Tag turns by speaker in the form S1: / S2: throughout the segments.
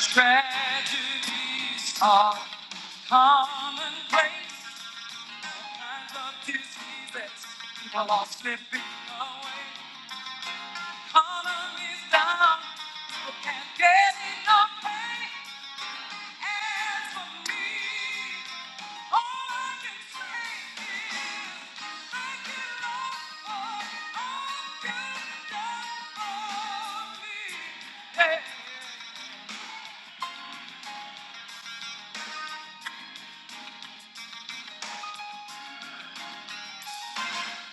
S1: Tragedies are commonplace. Times of diseases, people are slipping away. Economy's down, people can't get enough pay. As for me, all I can say is thank you, Lord, for all you've done for me. Hey,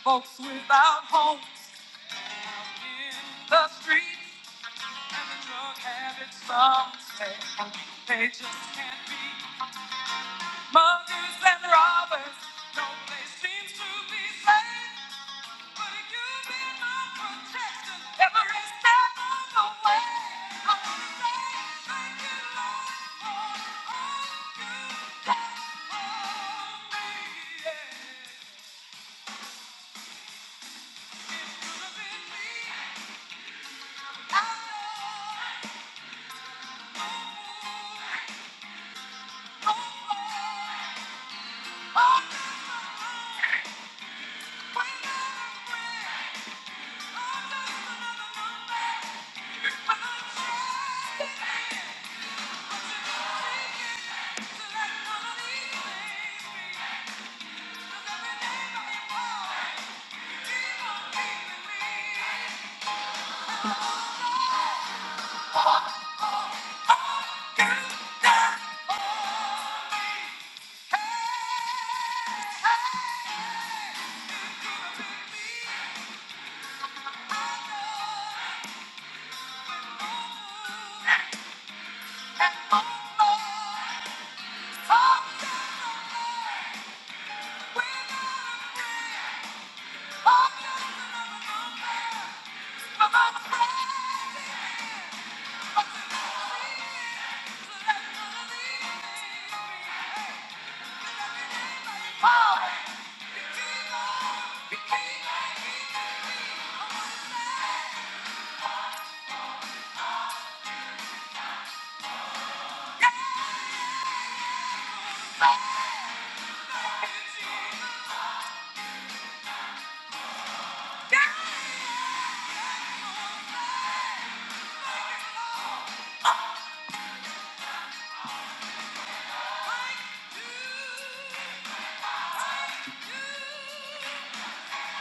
S1: folks without homes in the streets. And the drug habits some say they just can't be. Muggers and robbers, no place seems to be safe. But if you've been my protection every step of the way, I want to say thank you, Lord, for all you've done for me. Yeah. If you'd have been me, I know. Oh, oh, oh, Oh! Yeah!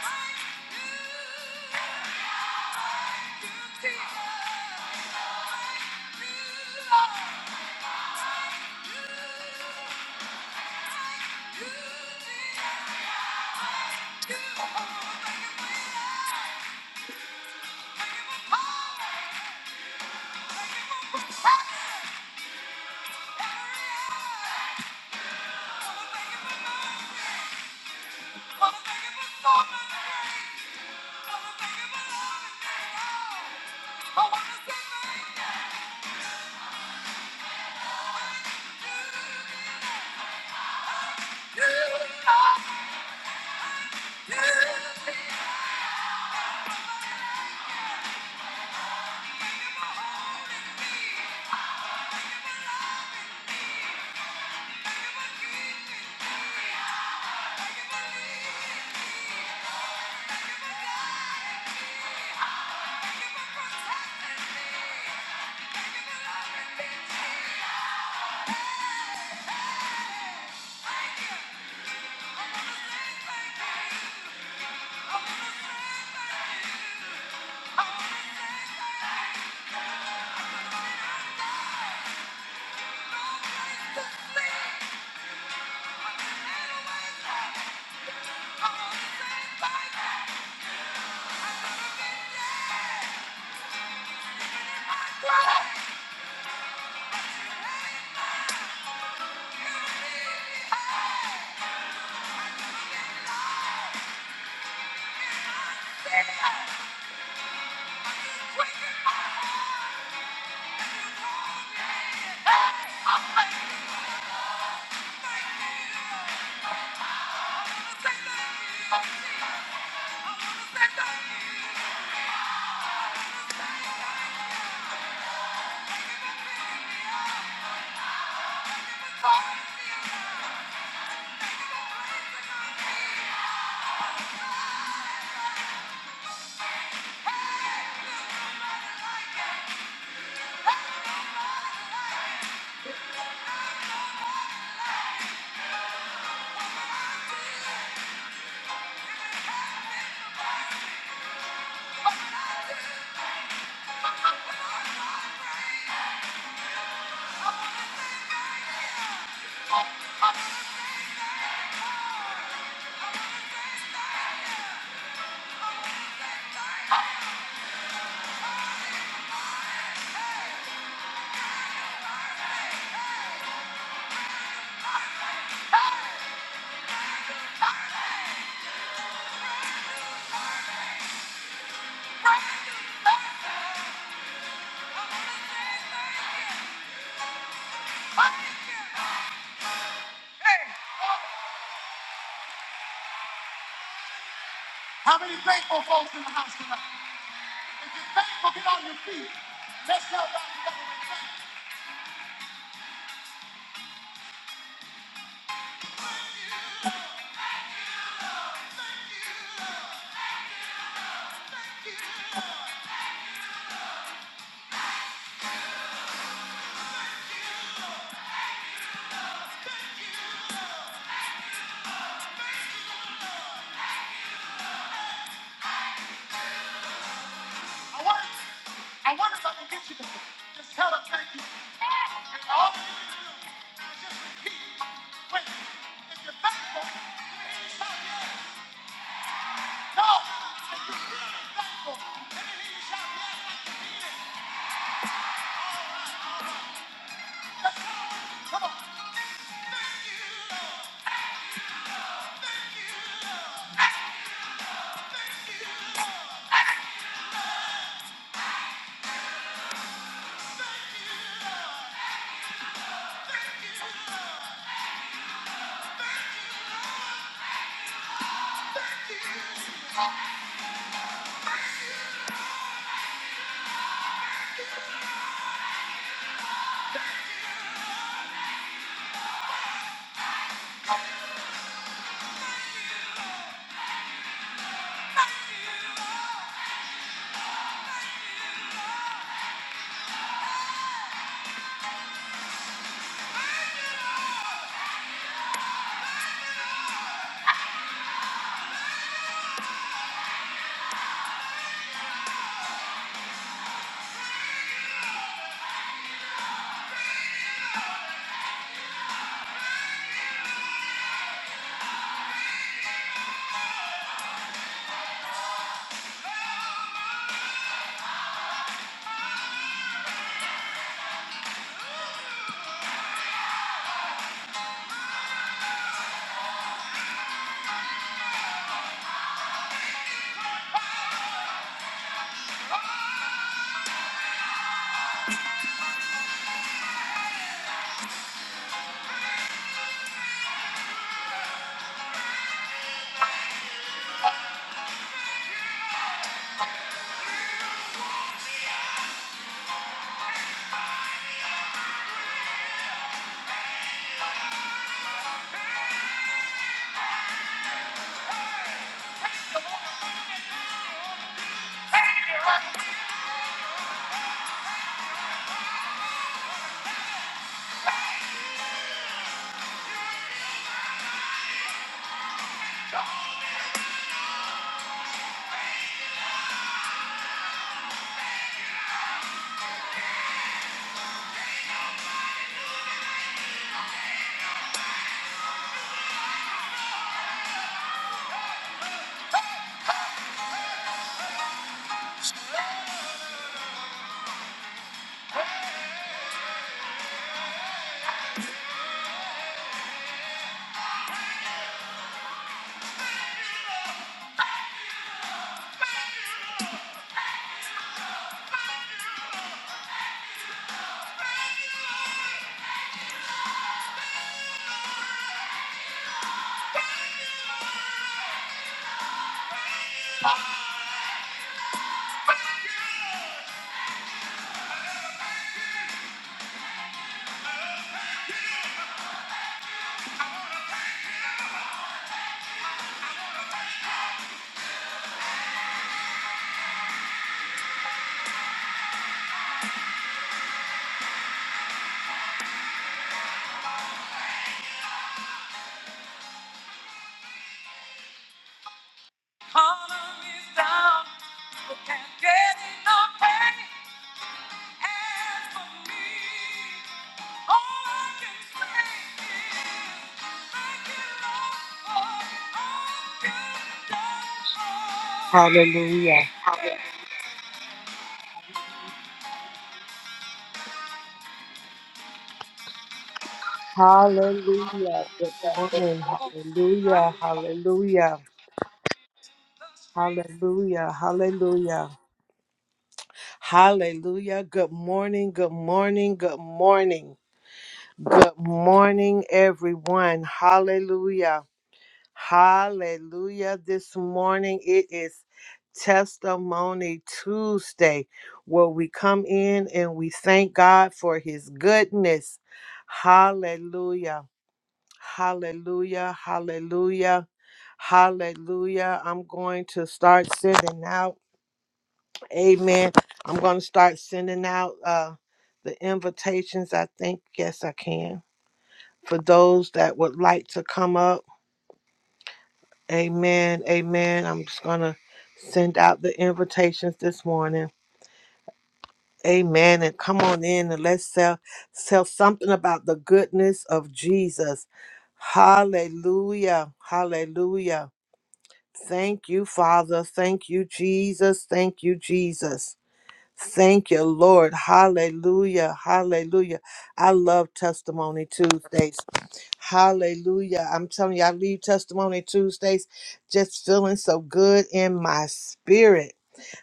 S1: I want to say Thank you. I want to say Thank you. How many thankful folks in the house tonight? Thankful, get on your feet. Let's tell God. I wonder, I wonder if I can get you to just tell them thank you. And all wait, if you're thankful, no. Thank you. Collar is down, but can't get enough pay. As for me, all I can say is thank you, Lord, for all you've done for me.
S2: Hallelujah. Hallelujah. Good morning. Hallelujah. Hallelujah.
S1: The streets
S2: Hallelujah.
S1: run
S2: Hallelujah. Hallelujah. Good morning. Good morning. Good morning. Good morning, everyone. Hallelujah. Hallelujah. This morning it is Testimony Tuesday where we come in and we thank God for his goodness. Hallelujah. Hallelujah, hallelujah, hallelujah. I'm going to start sending out, amen. I'm going to start sending out uh, the invitations. I think, yes, I can. For those that would like to come up, amen, amen. I'm just going to send out the invitations this morning. Amen. And come on in and let's sell, sell something about the goodness of Jesus. Hallelujah. Hallelujah. Thank you, Father. Thank you, Jesus. Thank you, Jesus. Thank you, Lord. Hallelujah. Hallelujah. I love Testimony Tuesdays. Hallelujah. I'm telling you, I leave Testimony Tuesdays just feeling so good in my spirit.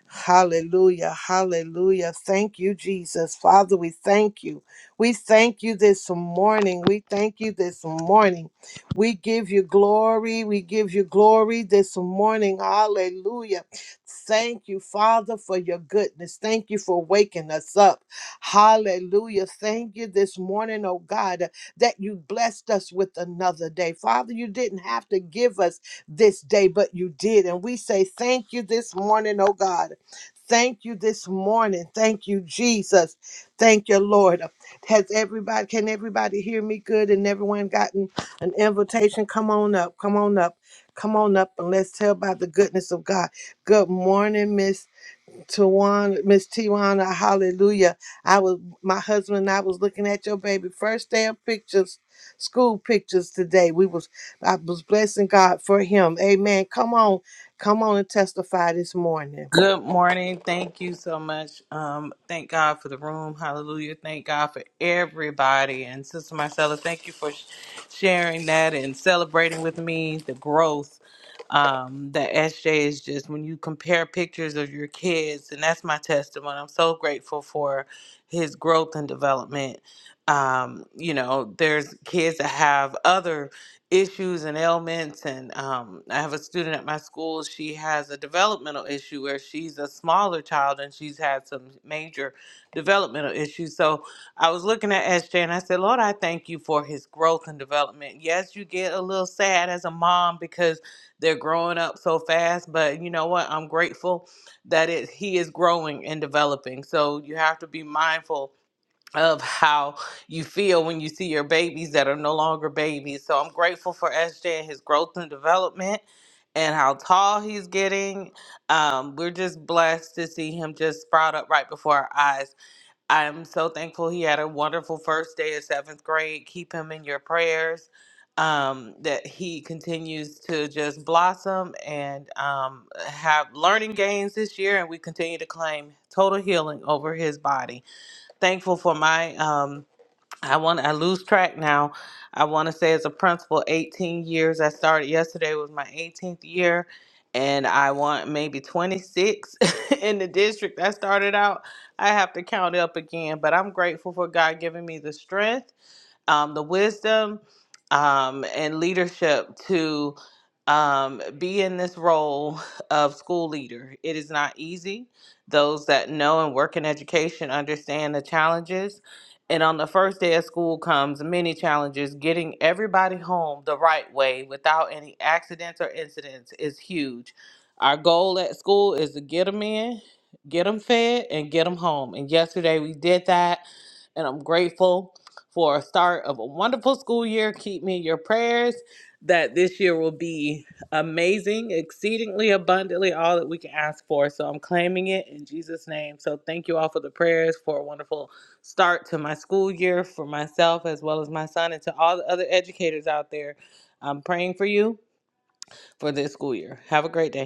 S2: Hallelujah. Hallelujah. Thank you, Jesus. Father, we thank you. We thank you this morning. We thank you this morning. We give you glory. We give you glory this morning. Hallelujah. Thank you, Father, for your goodness. Thank you for waking us up. Hallelujah. Thank you this morning, oh God, that you blessed us with another day. Father, you didn't have to give us this day, but you did. And we say thank you this morning, oh God. Thank you this morning. Thank you, Jesus. Thank you, Lord. Has everybody, can everybody hear me good and everyone gotten an invitation? Come on up. Come on up. Come on up and let's tell about the goodness of God. Good morning, Miss Tawana, Miss Tiwana. Hallelujah. I was, my husband and I was looking at your baby first day of pictures, school pictures today. We was, I was blessing God for him. Amen. Come on. Come on and testify this morning.
S3: Good morning. Thank you so much. Um, thank God for the room. Hallelujah. Thank God for everybody. And Sister Marcella, thank you for sh- sharing that and celebrating with me the growth um, that SJ is just when you compare pictures of your kids. And that's my testimony. I'm so grateful for his growth and development. Um, you know, there's kids that have other issues and ailments. And um, I have a student at my school. She has a developmental issue where she's a smaller child and she's had some major developmental issues. So I was looking at SJ and I said, Lord, I thank you for his growth and development. Yes, you get a little sad as a mom because they're growing up so fast, but you know what? I'm grateful that it, he is growing and developing. So you have to be mindful of how you feel when you see your babies that are no longer babies. So I'm grateful for SJ and his growth and development and how tall he's getting. Um, we're just blessed to see him just sprout up right before our eyes. I am so thankful he had a wonderful first day of seventh grade. Keep him in your prayers. Um, that he continues to just blossom and um, have learning gains this year, and we continue to claim total healing over his body thankful for my um I want I lose track now. I want to say as a principal 18 years. I started yesterday was my 18th year and I want maybe 26 in the district I started out. I have to count it up again, but I'm grateful for God giving me the strength um, the wisdom um, and leadership to um, be in this role of school leader. It is not easy. Those that know and work in education understand the challenges. And on the first day of school comes many challenges. Getting everybody home the right way without any accidents or incidents is huge. Our goal at school is to get them in, get them fed, and get them home. And yesterday we did that, and I'm grateful for a start of a wonderful school year. Keep me in your prayers that this year will be amazing, exceedingly abundantly, all that we can ask for. So I'm claiming it in Jesus' name. So thank you all for the prayers for a wonderful start to my school year for myself as well as my son and to all the other educators out there. I'm praying for you for this school year. Have a great day.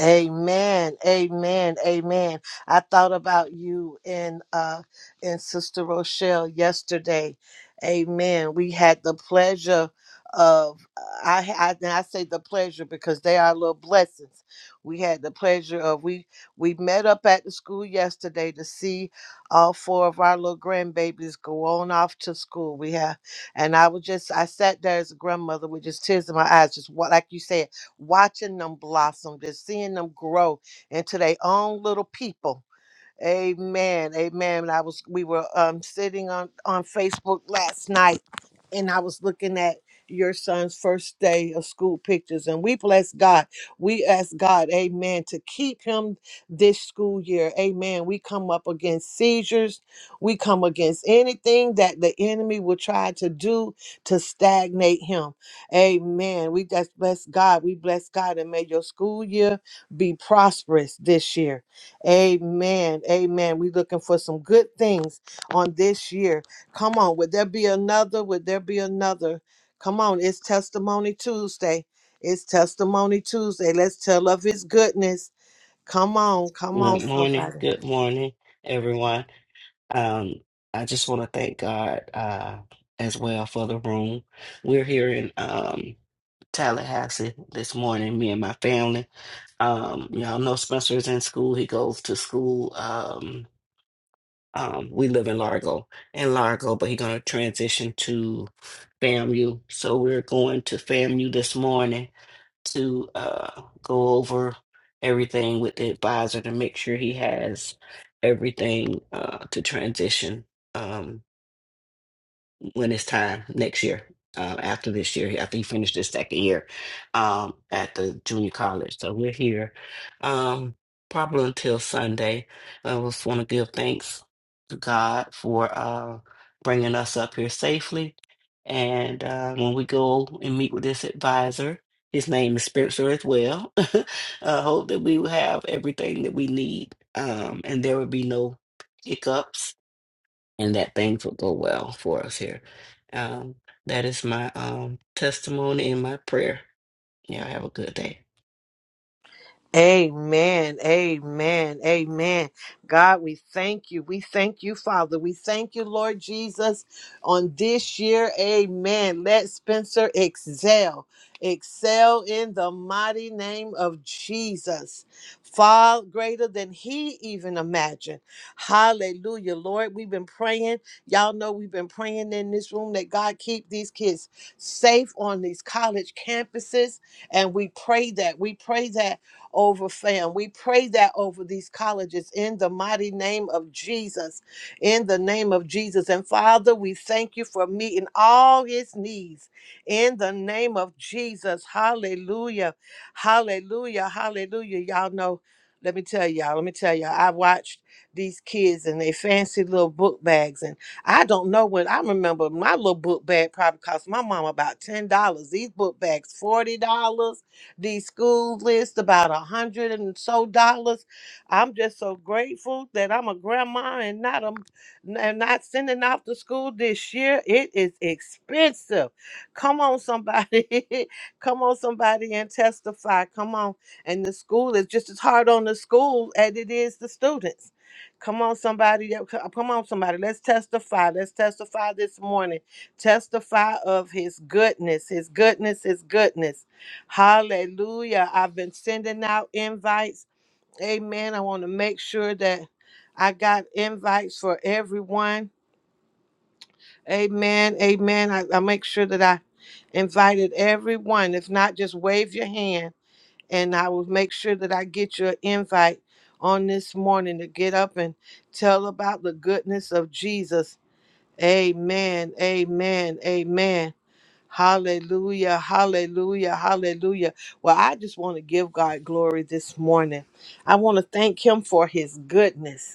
S2: Amen. Amen. Amen. I thought about you and uh and Sister Rochelle yesterday. Amen. We had the pleasure of I I, and I say the pleasure because they are little blessings. We had the pleasure of we we met up at the school yesterday to see all four of our little grandbabies go on off to school. We have and I was just I sat there as a grandmother with just tears in my eyes, just what like you said watching them blossom, just seeing them grow into their own little people Amen. Amen. And I was we were um sitting on on Facebook last night and I was looking at your son's first day of school pictures and we bless God. We ask God, amen, to keep him this school year. Amen. We come up against seizures. We come against anything that the enemy will try to do to stagnate him. Amen. We just bless God. We bless God and may your school year be prosperous this year Amen. Amen. we looking for some good things on this year. Come on. Would there be another? Would there be another? Come on. It's Testimony Tuesday. It's Testimony Tuesday. Let's tell of his goodness. Come on. Come on,
S4: Good morning.
S2: somebody.
S4: Good morning, everyone. Um, I just want to thank God uh, as well for the room. We're here in um, Tallahassee this morning, me and my family. Um, y'all know Spencer is in school. He goes to school. Um, um, we live in Largo, in Largo, but he's going to transition to FAMU. So we're going to FAMU this morning to uh, go over everything with the advisor to make sure he has everything uh, to transition. Um, when it's time next year, uh, after this year, after he finished his second year um, at the junior college. So we're here um, probably until Sunday. I just want to give thanks to God for uh, bringing us up here safely. And uh, when we go and meet with this advisor, his name is Spencer as well. I hope that we will have everything that we need um, and there will be no hiccups and that things will go well for us here. Um, that is my um, testimony and my prayer. Y'all have a good day.
S2: Amen. Amen. Amen. God, we thank you. We thank you, Father. We thank you, Lord Jesus, on this year. Amen. Let Spencer excel. Excel in the mighty name of Jesus. Far greater than he even imagined. Hallelujah. Lord, we've been praying. Y'all know we've been praying in this room that God keep these kids safe on these college campuses. And we pray that. We pray that over fam. We pray that over these colleges in the mighty name of Jesus. In the name of Jesus. And Father, we thank you for meeting all his needs in the name of Jesus. Hallelujah. Hallelujah. Hallelujah. Y'all know, let me tell y'all, let me tell y'all, I watched these kids and their fancy little book bags. And I don't know what I remember my little book bag probably cost my mom about ten dollars. These book bags, $40. these school lists, about a hundred and so dollars. I'm just so grateful that I'm a grandma and not a and not sending off to school this year. It is expensive. Come on, somebody. Come on, somebody, and testify. Come on. And the school is just as hard on the school as it is the students. Come on, somebody. yeah, c- Come on, somebody. Let's testify. Let's testify this morning. Testify of his goodness, his goodness, his goodness. Hallelujah. I've been sending out invites. Amen. I want to make sure that I got invites for everyone. Amen. Amen. I, I make sure that I invited everyone. If not, just wave your hand and I will make sure that I get your invite on this morning to get up and tell about the goodness of Jesus. Amen. Amen. Amen. Hallelujah, hallelujah, hallelujah. Well, I just want to give God glory this morning. I want to thank Him for His goodness.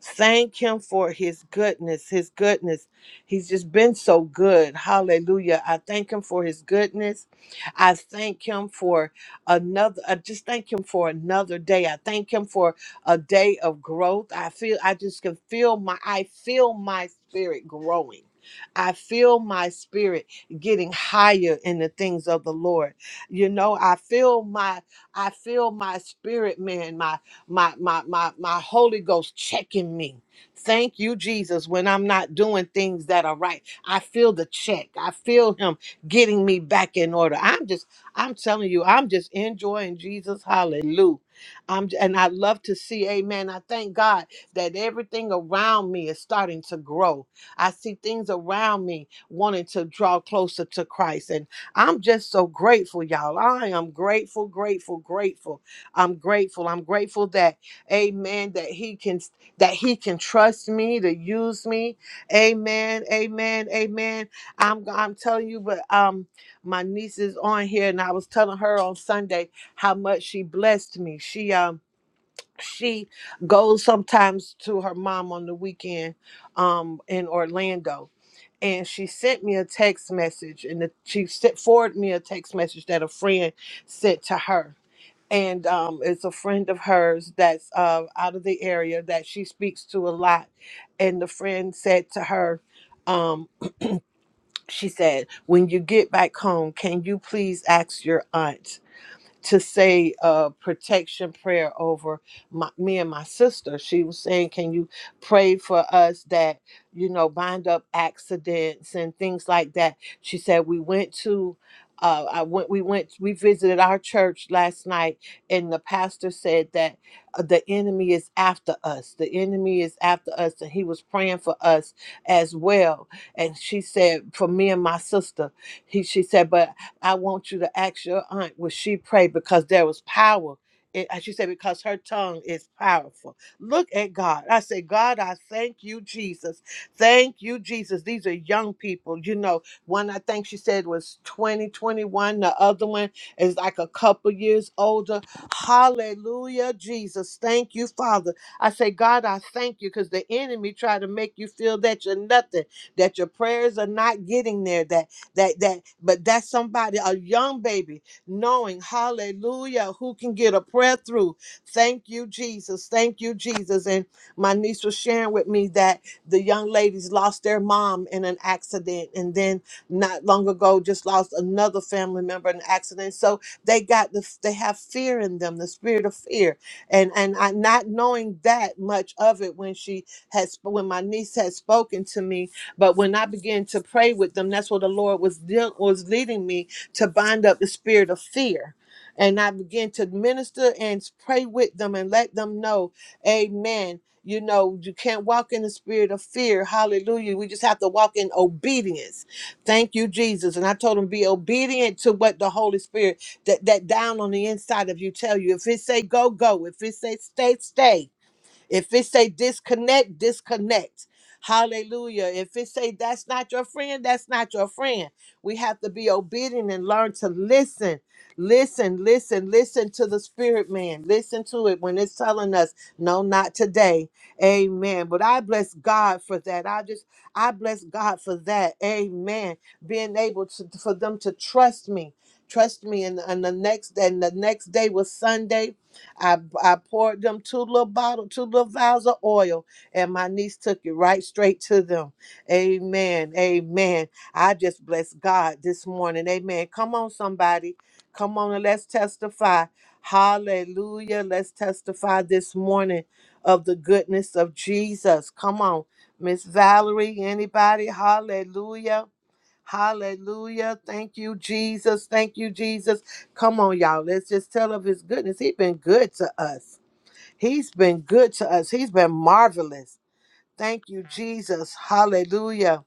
S2: Thank him for his goodness, his goodness. He's just been so good. Hallelujah. I thank him for his goodness. I thank him for another I just thank him for another day. I thank him for a day of growth. I feel I just can feel my I feel my spirit growing. I feel my spirit getting higher in the things of the Lord. You know, I feel my I feel my spirit man, my my my my Holy Ghost checking me. Thank you, Jesus, when I'm not doing things that are right. I feel the check. I feel him getting me back in order. I'm just, I'm telling you, I'm just enjoying Jesus. Hallelujah. I'm and I love to see, amen. I thank God that everything around me is starting to grow. I see things around me wanting to draw closer to Christ. And I'm just so grateful, y'all. I am grateful, grateful, grateful I'm grateful. I'm grateful that, Amen, that He can that He can trust me to use me. Amen. Amen. Amen. I'm I'm telling you, but um, my niece is on here, and I was telling her on Sunday how much she blessed me. She um she goes sometimes to her mom on the weekend, um, in Orlando. And she sent me a text message, and the, she sent, forwarded me a text message that a friend sent to her and um, it's a friend of hers that's uh, out of the area that she speaks to a lot. And the friend said to her, um, she said, "When you get back home, can you please ask your aunt?" to say a protection prayer over my, me and my sister. She was saying, Can you pray for us that, you know, bind up accidents and things like that? She said, We went to. Uh, I went. We went. We visited our church last night, and the pastor said that uh, the enemy is after us. The enemy is after us, and he was praying for us as well. And she said, for me and my sister, he she said, but I want you to ask your aunt, will she pray? Because there was power. It, as she said, because her tongue is powerful. Look at God. I say, God, I thank you, Jesus. Thank you, Jesus. These are young people. You know, one I think she said was 20, 21. The other one is like a couple years older. Hallelujah, Jesus. Thank you, Father. I say, God, I thank you because the enemy tried to make you feel that you're nothing, that your prayers are not getting there, that that that but that's somebody, a young baby, knowing hallelujah, who can get a prayer through. Thank you, Jesus. Thank you, Jesus. And my niece was sharing with me that the young ladies lost their mom in an accident and then not long ago just lost another family member in an accident. So they got the they have fear in them, the spirit of fear. And and I not knowing that much of it when she has when my niece had spoken to me but when I began to pray with them, that's what the Lord was deal- was leading me to bind up the spirit of fear. And I began to minister and pray with them and let them know, Amen. You know, you can't walk in the spirit of fear. Hallelujah. We just have to walk in obedience. Thank you, Jesus. And I told them, be obedient to what the Holy Spirit that, that down on the inside of you tell you. If it say go, go. If it say stay, stay. If it say disconnect, disconnect. Hallelujah. If it say that's not your friend, that's not your friend. We have to be obedient and learn to listen. Listen, listen, listen to the spirit man. Listen to it when it's telling us, no, not today. Amen. But I bless God for that. I just I bless God for that. Amen. Being able to for them to trust me. Trust me. And, and the next and the next day was Sunday I, I poured them two little bottle, two little vials of oil, and my niece took it right straight to them. Amen. Amen. I just bless God this morning. Amen. Come on, somebody. Come on and let's testify. Hallelujah. Let's testify this morning of the goodness of Jesus. Come on, Miss Valerie, anybody? Hallelujah. Hallelujah. Thank you, Jesus. Thank you, Jesus. Come on, y'all. Let's just tell of his goodness. He's been good to us. He's been good to us. He's been marvelous. Thank you, Jesus. Hallelujah.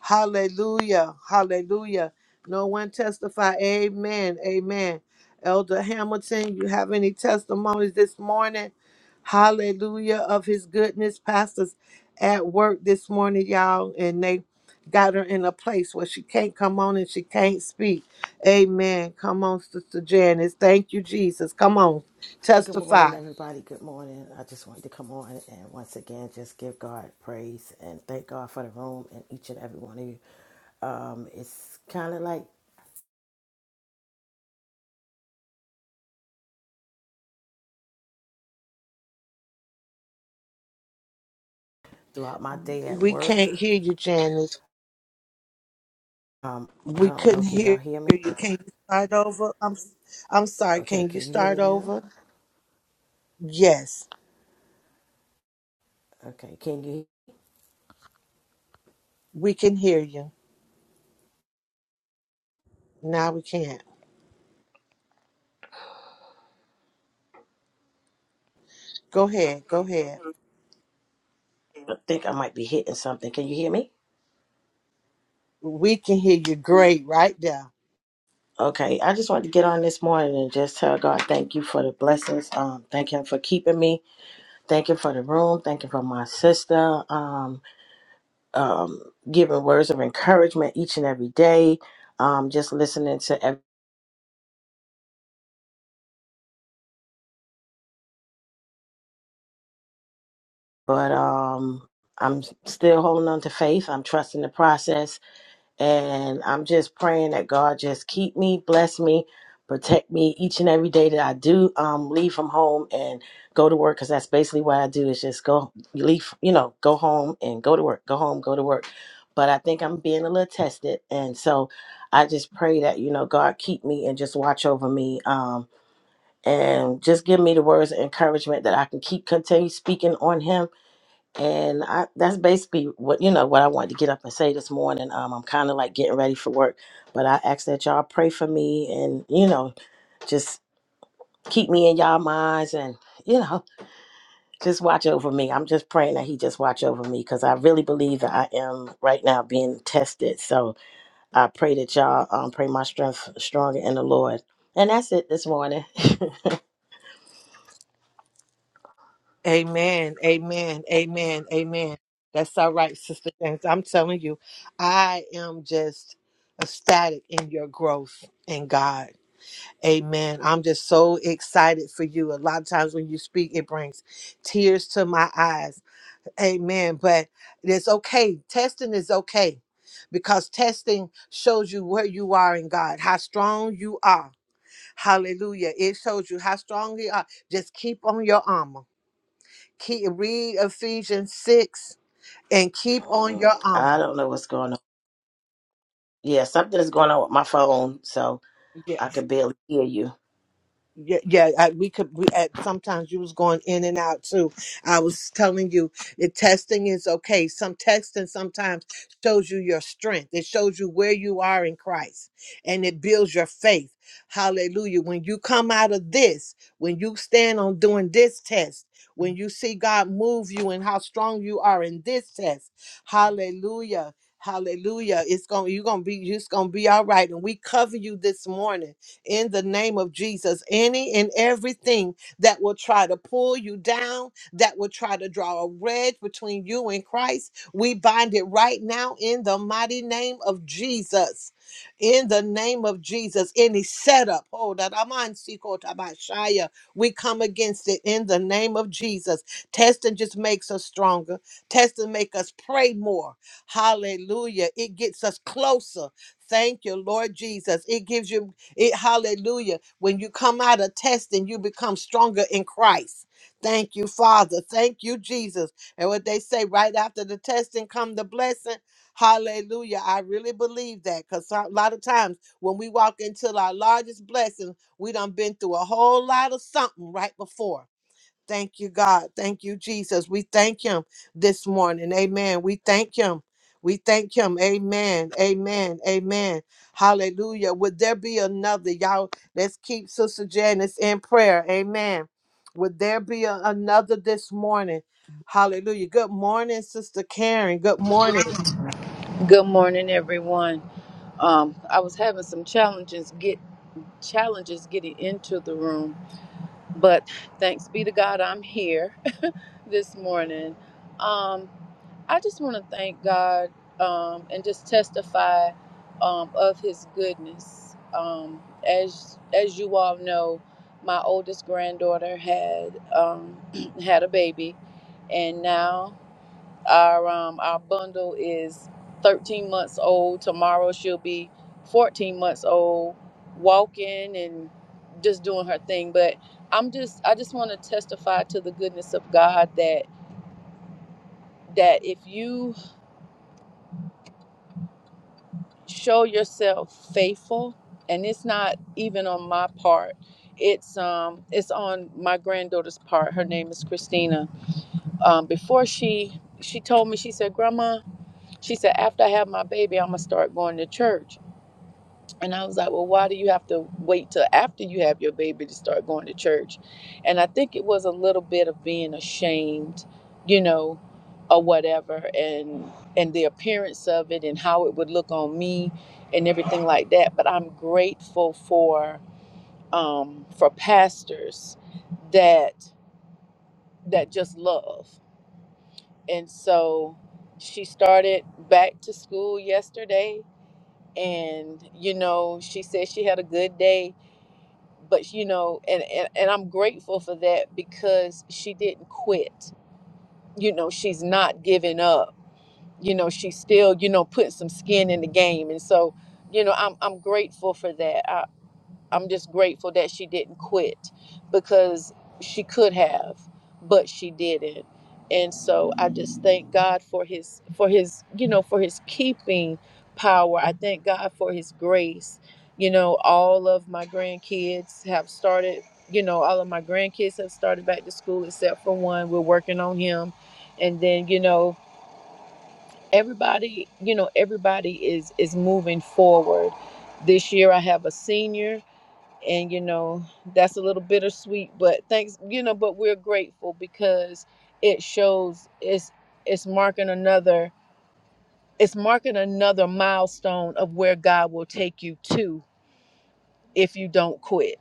S2: Hallelujah. Hallelujah. No one testify. Amen. Amen. Elder Hamilton, you have any testimonies this morning? Hallelujah of his goodness. Pastors at work this morning, y'all, and they got her in a place where she can't come on and she can't speak. Amen. Come on, Sister Janice. Thank you, Jesus. Come on.
S5: Good morning,
S2: Testify.
S5: everybody. Good morning. I just wanted to come on and once again just give God praise and thank God for the room and each and every one of you. Um, it's kind of like throughout my day at
S2: We
S5: work.
S2: can't hear you, Janice.
S5: Um, I
S2: We
S5: don't know.
S2: couldn't
S5: Can y'all
S2: hear
S5: hear me?
S2: you. Can you start over? I'm I'm sorry.
S5: Okay.
S2: Can you
S5: Can you hear
S2: start
S5: me now?
S2: over? Yes,
S5: Okay. Can you?
S2: we can hear you. Now we can't. Go ahead. Go ahead.
S5: I think I might be hitting something. Can you hear me?
S2: We can hear you great right there.
S5: Okay. I just wanted to get on this morning and just tell God thank you for the blessings. Um, thank Him for keeping me. Thank Him for the room. Thank Him for my sister. Um, um, giving words of encouragement each and every day, um, just listening to every, but um, I'm still holding on to faith. I'm trusting the process and I'm just praying that God just keep me, bless me, protect me each and every day that I do um, leave from home and go to work because that's basically what I do is just go leave, you know, go home and go to work, go home, go to work. But I think I'm being a little tested. And so I just pray that, you know, God keep me and just watch over me. Um, and just give me the words of encouragement that I can keep continue speaking on him. And I, that's basically what you know what I wanted to get up and say this morning. Um, I'm kind of like getting ready for work, but I ask that y'all pray for me and you know just keep me in y'all minds and you know just watch over me. I'm just praying that he just watch over me because I really believe that I am right now being tested. So I pray that y'all um, pray my strength stronger in the Lord. And that's it this morning.
S2: Amen. Amen. Amen. Amen. That's all right, Sister James. I'm telling you, I am just ecstatic in your growth in God. Amen. I'm just so excited for you. A lot of times when you speak, it brings tears to my eyes Amen. But it's okay. Testing is okay because testing shows you where you are in God, how strong you are. Hallelujah. It shows you how strong you are. Just keep on your armor. Keep read Ephesians 6 and keep on your
S5: I
S2: armor.
S5: don't know what's going on Yeah, something is going on with my phone, so
S2: Yeah.
S5: I can barely hear you.
S2: Yeah, yeah, I, we could. We at sometimes you was going in and out too. I was telling you the testing is okay. Some testing sometimes shows you your strength. It shows you where you are in Christ, and it builds your faith. Hallelujah! When you come out of this, when you stand on doing this test, when you see God move you and how strong you are in this test, Hallelujah! Hallelujah! It's going. to You're gonna be. just gonna be all right. And we cover you this morning in the name of Jesus. Any and everything that will try to pull you down, that will try to draw a wedge between you and Christ, we bind it right now in the mighty name of Jesus. In the name of Jesus, any setup, oh, that aman, am tabashaya, we come against it in the name of Jesus. Testing just makes us stronger. Testing make us pray more. Hallelujah. It gets us closer. Thank you, Lord Jesus. It gives you it, hallelujah. When you come out of testing, you become stronger in Christ. Thank you, Father. Thank you, Jesus. And what they say right after the testing come the blessing. Hallelujah. I really believe that because a lot of times when we walk into our largest blessing, we done been through a whole lot of something right before. Thank you, God. Thank you, Jesus. We thank him this morning. Amen. We thank him. We thank him. Amen. Amen. Amen. Hallelujah. Would there be another? Y'all, let's keep Sister Janice in prayer. Amen. Would there be a- another this morning? Hallelujah. Good morning, Sister Karen. Good morning.
S6: Good morning, everyone. Um, I was having some challenges get challenges getting into the room, but thanks be to God, I'm here this morning. Um, I just want to thank God um, and just testify um, of His goodness. Um, as as you all know, my oldest granddaughter had um, had a baby, and now. Our um our bundle is 13 months old. Tomorrow she'll be 14 months old, walking and just doing her thing. But I'm just I just want to testify to the goodness of God that that if you show yourself faithful, and it's not even on my part, it's um it's on my granddaughter's part. Her name is Christina. Um, before she she told me she said, Grandma, she said after I have my baby, I'm gonna start going to church. And I was like, well, why do you have to wait till after you have your baby to start going to church? And I think it was a little bit of being ashamed, you know, or whatever, and and the appearance of it and how it would look on me and everything like that. But I'm grateful for um, for pastors that that just love. And so she started back to school yesterday, and you know, she said she had a good day but you know and, and and i'm grateful for that because she didn't quit you know she's not giving up you know she's still you know putting some skin in the game and so you know i'm, I'm grateful for that I'm just grateful that she didn't quit because she could have, but she didn't. And so I just thank God for his for his, you know, for his keeping power. I thank God for his grace. You know, all of my grandkids have started, you know, all of my grandkids have started back to school except for one. We're working on him. And then, you know, everybody, you know, everybody is is moving forward. This year I have a senior and you know that's a little bittersweet but thanks you know but we're grateful because it shows it's it's marking another it's marking another milestone of where god will take you to if you don't quit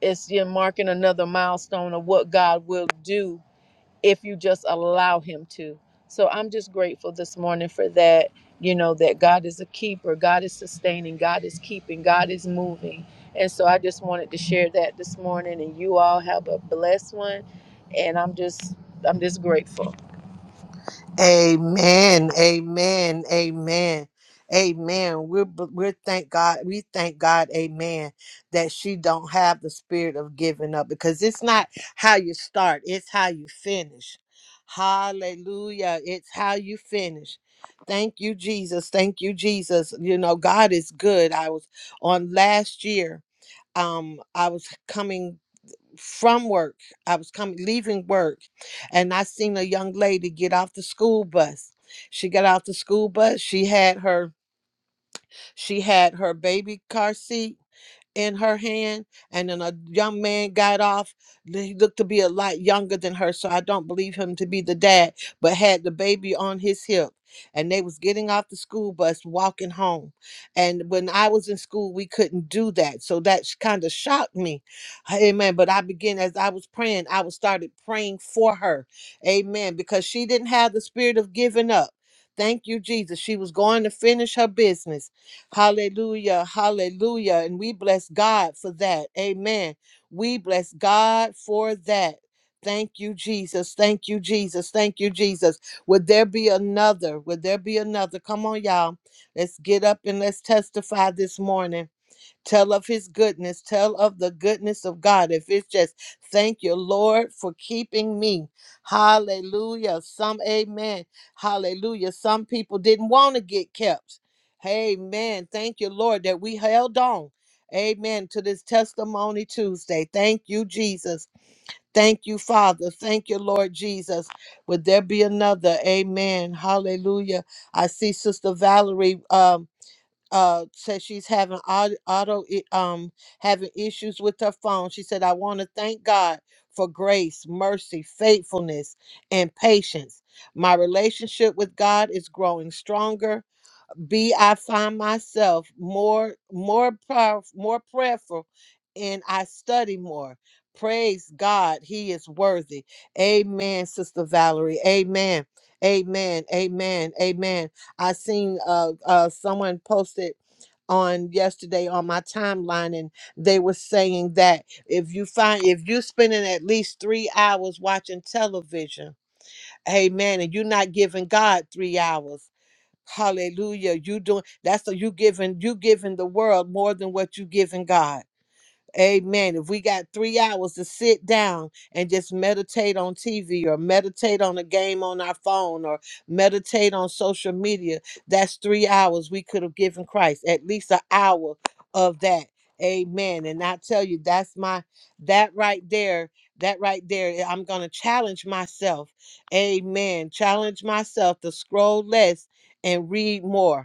S6: it's you're marking another milestone of what god will do if you just allow him to. So I'm just grateful this morning for that, you know, that God is a keeper, God is sustaining, God is keeping, God is moving. And so I just wanted to share that this morning and you all have a blessed one and I'm just I'm just grateful.
S2: Amen. Amen. Amen. Amen. We're we're thank God. We thank God. Amen. That she don't have the spirit of giving up because it's not how you start; it's how you finish. Hallelujah! It's how you finish. Thank you, Jesus. Thank you, Jesus. You know God is good. I was on last year. Um, I was coming from work. I was coming leaving work and I seen a young lady get off the school bus. She got off the school bus. She had her she had her baby car seat in her hand, and then a young man got off. He looked to be a lot younger than her, so I don't believe him to be the dad, but had the baby on his hip. And they was getting off the school bus, walking home. And when I was in school, we couldn't do that, so that kind of shocked me. Amen. But I began as I was praying, I was started praying for her. Amen. Because she didn't have the spirit of giving up. Thank you, Jesus. She was going to finish her business Hallelujah. Hallelujah. And we bless God for that. Amen. We bless God for that. Thank you, Jesus. Thank you, Jesus. Thank you, Jesus. Would there be another? Would there be another? Come on, y'all. Let's get up and let's testify this morning. Tell of his goodness. Tell of the goodness of God. If it's just thank you, Lord, for keeping me. Hallelujah. Some amen. Hallelujah. Some people didn't want to get kept. Amen. Thank you, Lord, that we held on. Amen. To this testimony Tuesday. Thank you, Jesus. Thank you, Father. Thank you, Lord Jesus. Would there be another? Amen. Hallelujah. I see Sister Valerie. Um uh says she's having au- auto i- um having issues with her phone she said i want to thank god for grace mercy faithfulness and patience my relationship with god is growing stronger b i find myself more more power, more prayerful and i study more praise god he is worthy amen sister valerie amen amen amen amen i seen uh uh someone posted on yesterday on my timeline and they were saying that if you find if you're spending at least three hours watching television amen and you're not giving god three hours hallelujah you doing that's so you giving you giving the world more than what you giving god Amen. If we got three hours to sit down and just meditate on TV or meditate on a game on our phone or meditate on social media, that's three hours we could have given Christ, at least an hour of that. Amen. And I tell you, that's my, that right there, that right there, eh, I'm going to challenge myself. Amen. Challenge myself to scroll less and read more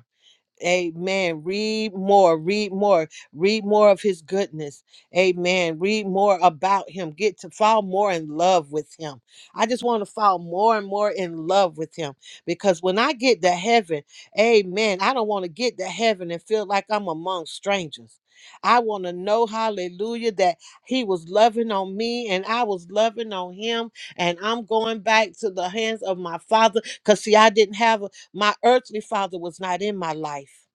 S2: Amen. Read more, read more, read more of his goodness. Amen. Read more about him. Get to fall more in love with him. I just want to fall more and more in love with him because when I get to heaven, amen, I don't want to get to heaven and feel like I'm among strangers. I want to know, hallelujah, that he was loving on me and I was loving on him, and I'm going back to the hands of my father because, see, I didn't have. My earthly father was not in my life.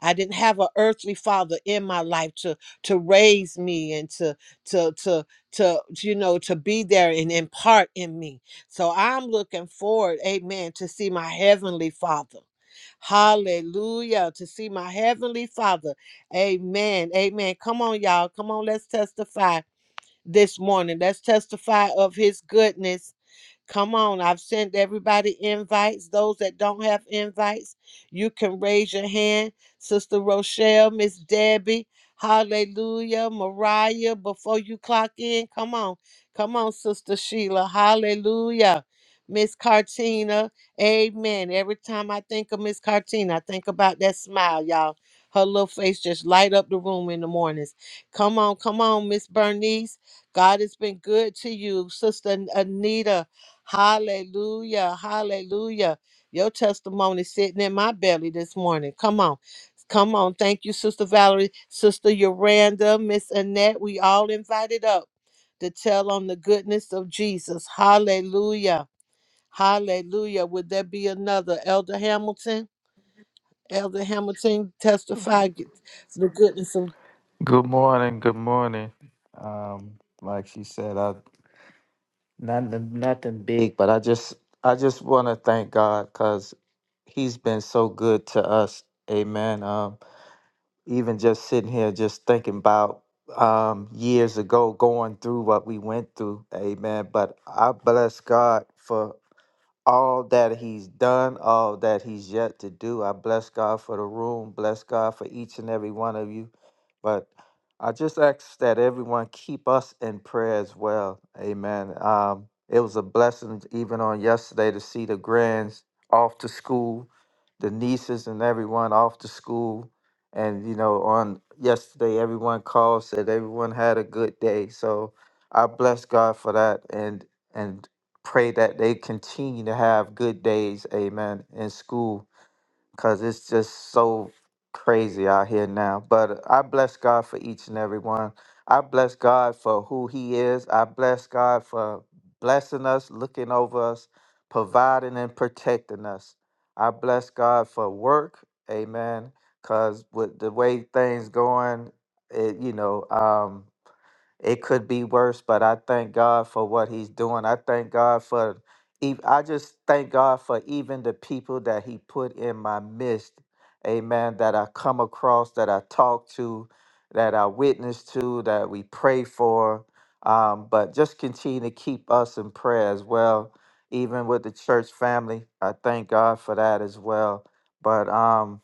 S2: I didn't have an earthly father in my life to to raise me and to to to to you know to be there and impart in me. So I'm looking forward, amen, to see my heavenly father. Hallelujah. To see my heavenly father. Amen. Amen. Come on, y'all. Come on, let's testify this morning. Let's testify of his goodness Come on, I've sent everybody invites. Those that don't have invites, you can raise your hand. Sister Rochelle, Miss Debbie, hallelujah. Mariah, before you clock in, come on. Come on, Sister Sheila, hallelujah. Miss Cartina, amen. Every time I think of Miss Cartina, I think about that smile, y'all. Her little face just light up the room in the mornings. Come on, come on, Miss Bernice. God has been good to you, Sister Anita. Hallelujah. Hallelujah. Your testimony sitting in my belly this morning. Come on. Come on. Thank you, Sister Valerie, Sister Yolanda, Miss Annette. We all invited up to tell on the goodness of Jesus. Hallelujah. Hallelujah. Would there be another? Elder Hamilton? Elder Hamilton testify the goodness of
S1: Good morning. Good morning. Um, like she said, Nothing, nothing big, but I just, I just want to thank God because He's been so good to us. Amen. Um, even just sitting here, just thinking about um, years ago, going through what we went through. Amen. But I bless God for all that he's done, all that he's yet to do. I bless God for the room, bless God for each and every one of you. But I just ask that everyone keep us in prayer as well. Amen. Um, it was a blessing even on yesterday to see the grands off to school, the nieces and everyone off to school. And, you know, on yesterday, everyone called, said everyone had a good day. So I bless God for that. And, and pray that they continue to have good days, amen, in school, because it's just so crazy out here now. But I bless God for each and every one. I bless God for who He is. I bless God for blessing us, looking over us, providing and protecting us. I bless God for work, amen, because with the way things going, it, you know, um, it could be worse, but I thank God for what he's doing. I thank God for ev- I just thank God for even the people that he put in my midst. Amen. That I come across, that I talk to, that I witness to, that we pray for. Um, but just continue to keep us in prayer as well, even with the church family. I thank God for that as well. But um,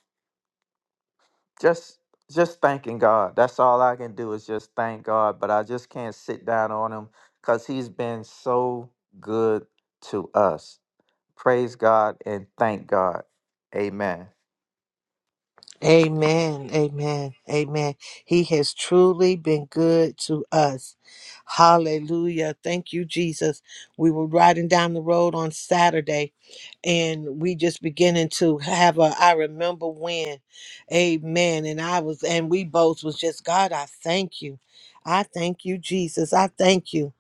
S1: just just thanking God. That's all I can do is just thank God, but I just can't sit down on him cuz he's been so good to us. Praise God and thank God. Amen.
S2: Amen. Amen. Amen. He has truly been good to us. Hallelujah. Thank you, Jesus. We were riding down the road on Saturday and we just beginning to have a I remember when. Amen. And I was and we both was just God, I thank you. I thank you, Jesus. I thank you.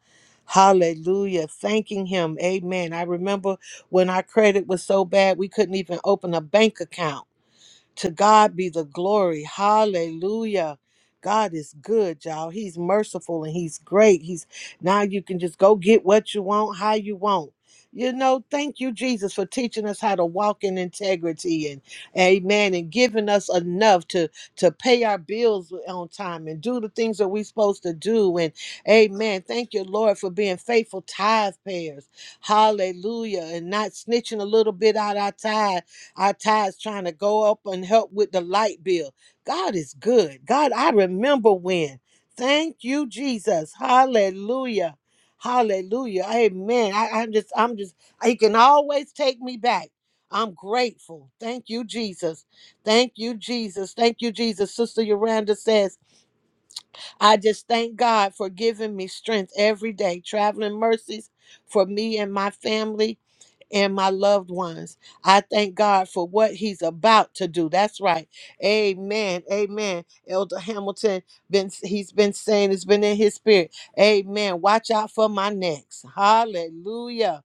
S2: Hallelujah. Thanking him. Amen. I remember when our credit was so bad we couldn't even open a bank account. To God be the glory. Hallelujah. God is good, y'all. He's merciful and he's great. He's now you can just go get what you want, how you want. You know, thank you, Jesus, for teaching us how to walk in integrity and amen and giving us enough to to pay our bills on time and do the things that we're supposed to do. And amen. Thank you, Lord, for being faithful tithe payers. Hallelujah. And not snitching a little bit out our tithe our tithes trying to go up and help with the light bill. God is good. God, I remember when. Thank you, Jesus. Hallelujah. Hallelujah. Amen. I, I'm just, I'm just, he can always take me back. I'm grateful. Thank you, Jesus. Thank you, Jesus. Thank you, Jesus. Sister Yolanda says, I just thank God for giving me strength every day, traveling mercies for me and my family and my loved ones. I thank God for what He's about to do. That's right. Amen. Amen. Elder Hamilton been he's been saying it's been in his spirit. Amen. Watch out for my next. Hallelujah.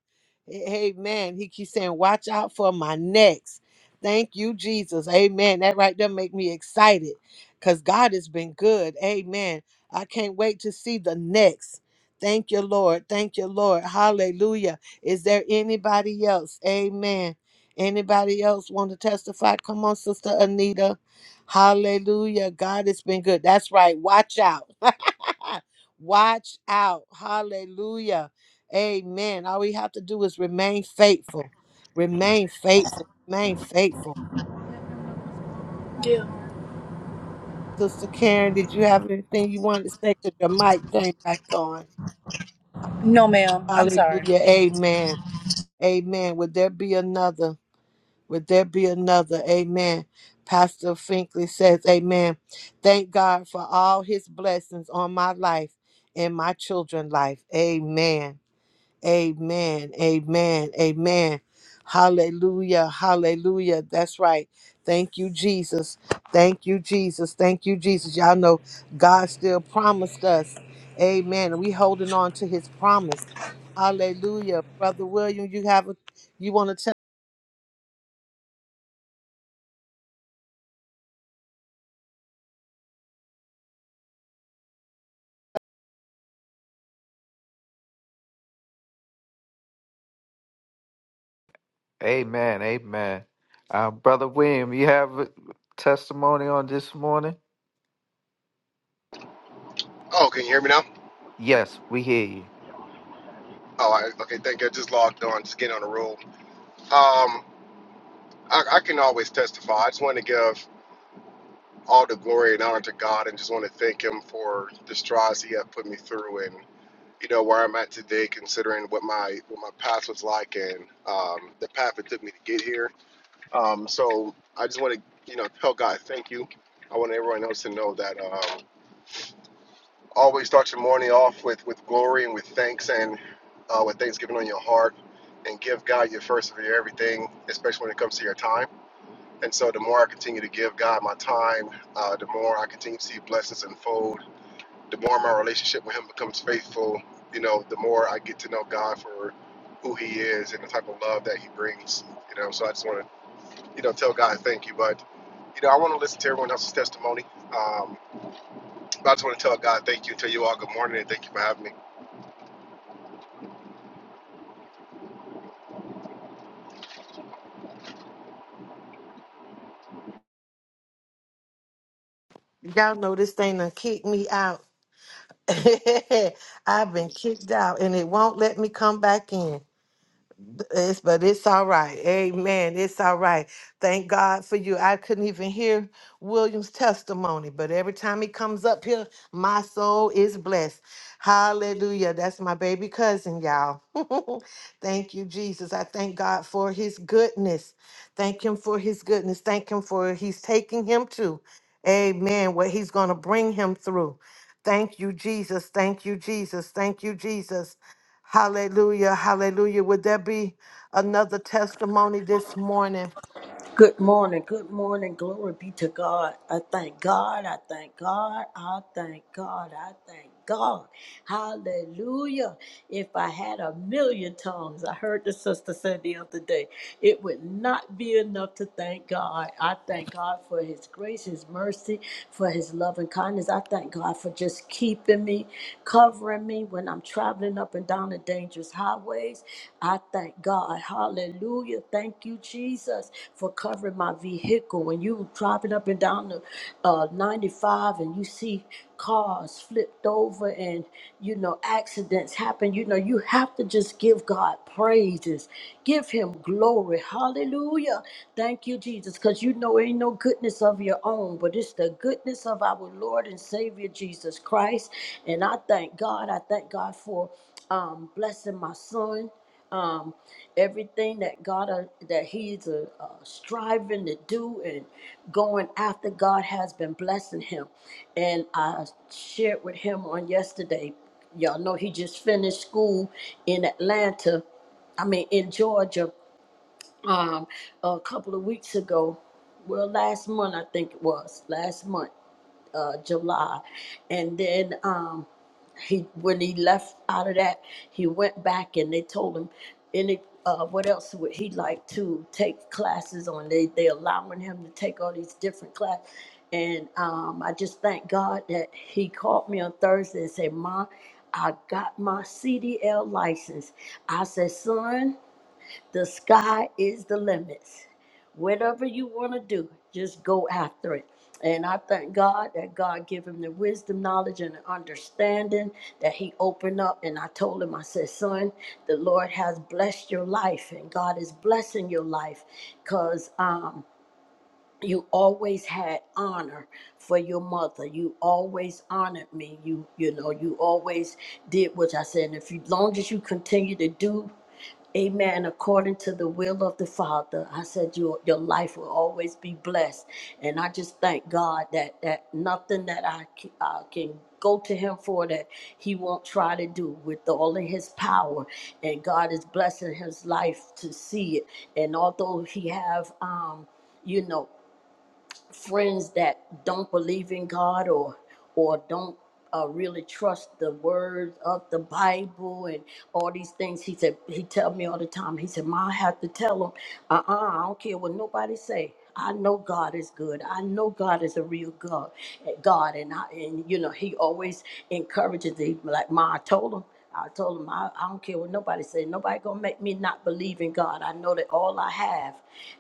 S2: A- Amen. He keeps saying, watch out for my next. Thank you, Jesus. Amen. That right there make me excited because God has been good. Amen. I can't wait to see the next. Thank you, Lord. Thank you, Lord. Hallelujah. Is there anybody else? Amen. Anybody else want to testify? Come on, Sister Anita. Hallelujah. God has been good. That's right. Watch out. Watch out. Hallelujah. Amen. All we have to do is remain faithful. Remain faithful. Remain faithful.
S6: Yeah.
S2: Sister Karen, did you have anything you wanted to say? Because your mic came back on.
S6: No, ma'am. I'm sorry.
S2: Hallelujah. Amen. Amen. Would there be another? Would there be another? Amen. Pastor Finkley says, Amen. Thank God for all his blessings on my life and my children's life. Amen. Amen. Amen. Amen. Hallelujah. Hallelujah. That's right. Thank you, Jesus. Thank you, Jesus. Thank you, Jesus. Y'all know God still promised us. Amen. We holding on to his promise. Hallelujah. Brother William, you have a you want to
S1: Amen. Amen. Uh, brother William, you have a testimony on this morning?
S7: Oh, can you hear me now?
S1: Yes, we hear you.
S7: Oh, I, okay. Thank you. I just logged on, Skin on the roll. Um, I, I can always testify. I just want to give all the glory and honor to God, and just want to thank Him for the strides He have put me through, and you know where I'm at today, considering what my what my path was like and um, the path it took me to get here. Um, so I just want to you know tell God thank you. I want everyone else to know that. Um, Always start your morning off with, with glory and with thanks and uh, with thanksgiving on your heart and give God your first of your everything, especially when it comes to your time. And so the more I continue to give God my time, uh, the more I continue to see blessings unfold, the more my relationship with Him becomes faithful, you know, the more I get to know God for who He is and the type of love that He brings, you know. So I just want to, you know, tell God thank you. But, you know, I want to listen to everyone else's testimony. Um, but I just want to tell God thank you, tell you all good morning, and thank you for having me.
S1: Y'all know this thing done kicked me out. I've been kicked out and it won't let me come back in. It's, but it's all right. Amen. It's all right. Thank God for you. I couldn't even hear William's testimony, but every time he comes up here, my soul is blessed. Hallelujah. That's my baby cousin, y'all. thank you, Jesus. I thank God for his goodness. Thank him for his goodness. Thank him for he's taking him to. Amen. What he's going to bring him through. Thank you, Jesus. Thank you, Jesus. Thank you, Jesus. Hallelujah. Hallelujah. Would there be another testimony this morning?
S8: Good morning, good morning. Glory be to God. I thank God, I thank God, I thank God, I thank God. Hallelujah. If I had a million tongues, I heard the sister say the other day, it would not be enough to thank God. I thank God for his grace, his mercy, for his love and kindness. I thank God for just keeping me, covering me when I'm traveling up and down walking down the dangerous highways. I thank God. Hallelujah. Thank you, Jesus, for covering my vehicle. When you driving up and down the uh, 95 and you see cars flipped over and you know accidents happen you know you have to just give god praises give him glory hallelujah thank you jesus because you know ain't no goodness of your own but it's the goodness of our lord and savior jesus christ and i thank god i thank god for um, blessing my son. Um, everything that God uh, that he's uh, uh, striving to do and going after, God has been blessing him. And I shared with him on yesterday. Y'all know he just finished school in Atlanta. I mean, in Georgia, um, a couple of weeks ago. Well, last month I think it was last month uh, July, and then um, he when he left out of that, he went back and they told him any uh, what else would he like to take classes on? They they allowing him to take all these different classes. And um, I just thank God that he called me on Thursday and said, Ma, I got my CDL license. I said, son, the sky is the limits. Whatever you want to do, just go after it. And I thank God that God give him the wisdom, knowledge, and the understanding that he opened up. And I told him, I said, son, the Lord has blessed your life and God is blessing your life because you always had honor for your mother you always honored me you you know you always did what i said and if you long as you continue to do Amen. According to the will of the Father, I said your your life will always be blessed, and I just thank God that that nothing that I c- I can go to Him for that He won't try to do with all of His power, and God is blessing His life to see it. And although He have um you know friends that don't believe in God or or don't uh, really trust the words of the Bible and all these things. He said he tell me all the time. He said, "Ma, I have to tell them, uh, uh I don't care what nobody say. I know God is good. I know God is a real God, God, and I and you know He always encourages. He be like Ma, I told him." I told him I, I don't care what nobody said. Nobody gonna make me not believe in God. I know that all I have,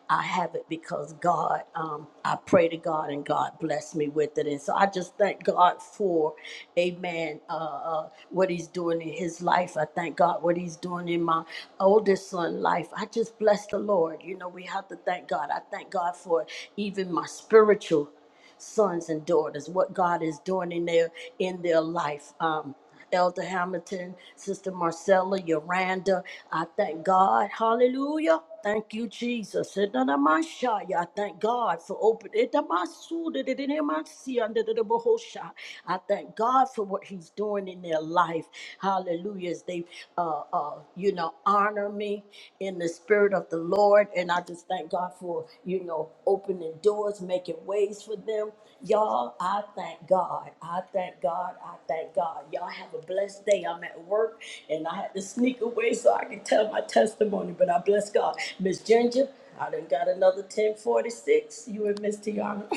S8: I have it because God. Um, I pray to God and God bless me with it. And so I just thank God for, Amen. Uh, uh, what He's doing in His life. I thank God what He's doing in my oldest son life. I just bless the Lord. You know we have to thank God. I thank God for even my spiritual sons and daughters, what God is doing in their in their life. Um, Elder Hamilton, Sister Marcella, Yoranda, I thank God. Hallelujah. Thank you, Jesus. Edanamashaya. I thank God for opening. I thank God for what He's doing in their life. Hallelujah. As they uh, uh, uh, you know, honor me in the spirit of the Lord. And I just thank God for, you know, opening doors, making ways for them. Y'all, I thank God. I thank God. I thank God. Y'all have a blessed day. I'm at work and I had to sneak away so I can tell my testimony, but I bless God. Miss Ginger, I done got another 1046. You and Miss Tiana.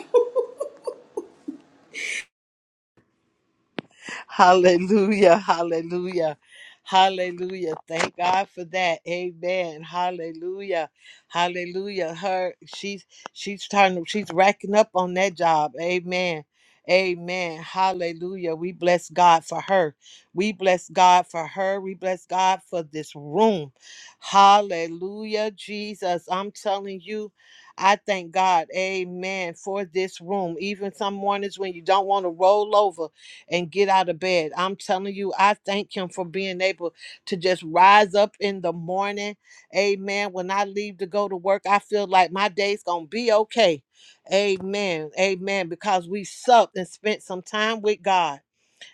S2: Hallelujah. Hallelujah. Hallelujah. Thank God for that. Amen. Hallelujah. Hallelujah. Her she's she's trying to she's racking up on that job. Amen. Amen. Hallelujah. We bless God for her. We bless God for her. We bless God for this room. Hallelujah. Jesus, I'm telling you, I thank God. Amen. For this room. Even some mornings when you don't want to roll over and get out of bed. I'm telling you, I thank him for being able to just rise up in the morning. Amen. When I leave to go to work, I feel like my day's going to be okay. Amen. Amen. Because we supped and spent some time with God.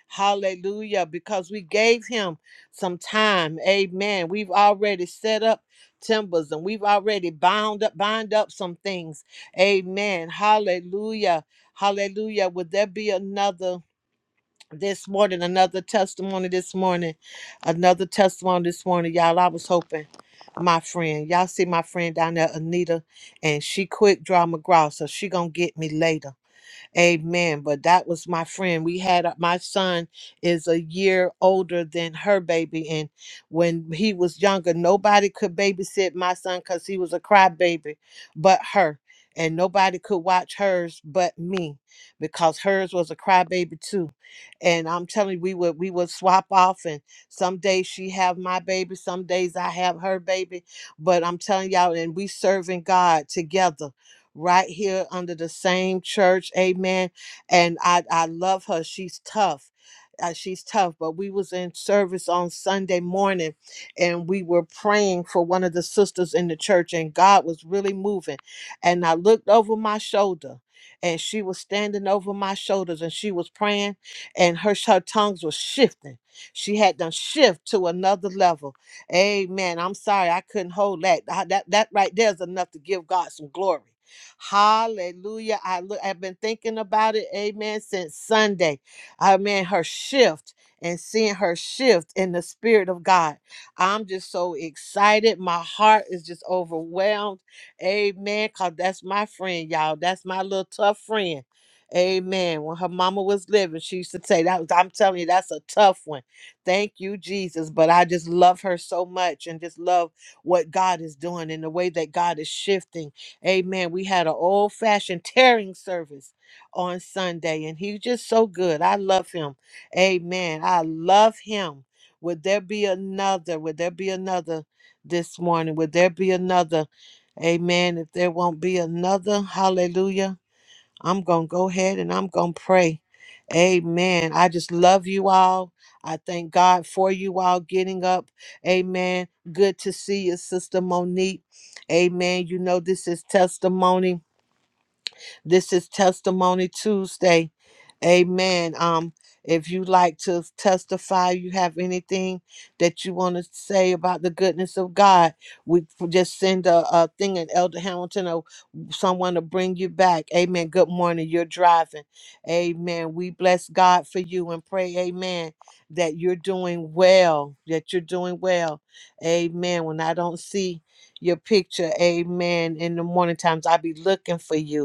S2: Hallelujah. Because we gave him some time. Amen. We've already set up timbers and we've already bound up, bind up some things. Amen. Hallelujah. Hallelujah. Would there be another? this morning, another testimony this morning, another testimony this morning, y'all. I was hoping my friend, y'all see my friend down there, Anita, and she quick draw McGraw, so she gonna get me later. Amen. But that was my friend. We had a- my son is a year older than her baby, and when he was younger, nobody could babysit my son because he was a crybaby, but her. And nobody could watch hers but me because hers was a crybaby too. And I'm telling you, we would we would swap off and some days she have my baby, some days I have her baby. But I'm telling y'all, and we serving God together right here under the same church. Amen. And I, I love her. She's tough. Uh, she's tough, but we was in service on Sunday morning and we were praying for one of the sisters in the church and God was really moving. And I looked over my shoulder and she was standing over my shoulders and she was praying and her, her tongues was shifting. She had done shift to another level. Amen. I'm sorry I couldn't hold that. I- that. That right there is enough to give God some glory. Hallelujah. I look, I've been thinking about it, amen, since Sunday. Amen. Her shift and seeing her shift in the spirit of God. I'm just so excited. My heart is just overwhelmed. Amen. Cause that's my friend, y'all. That's my little tough friend. Amen. When her mama was living, she used to say that was- I'm telling you, that's a tough one. Thank you, Jesus. But I just love her so much and just love what God is doing and the way that God is shifting. Amen. We had an old fashioned tearing service on Sunday, and he's just so good. I love him. Amen. I love him. Would there be another? Would there be another this morning? Would there be another? Amen. If there won't be another, hallelujah. I'm going to go ahead and I'm going to pray. Amen. I just love you all. I thank God for you all getting up. Amen. Good to see you, Sister Monique. Amen. You know, this is testimony. This is Testimony Tuesday. Amen. Um, if you like to testify, you have anything that you want to say about the goodness of God, we f- just send a, a thing at Elder Hamilton or someone to bring you back. Amen. Good morning. You're driving. Amen. We bless God for you and pray, Amen, that you're doing well, that you're doing well. Amen. When I don't see your picture, Amen, in the morning times, I be looking for you.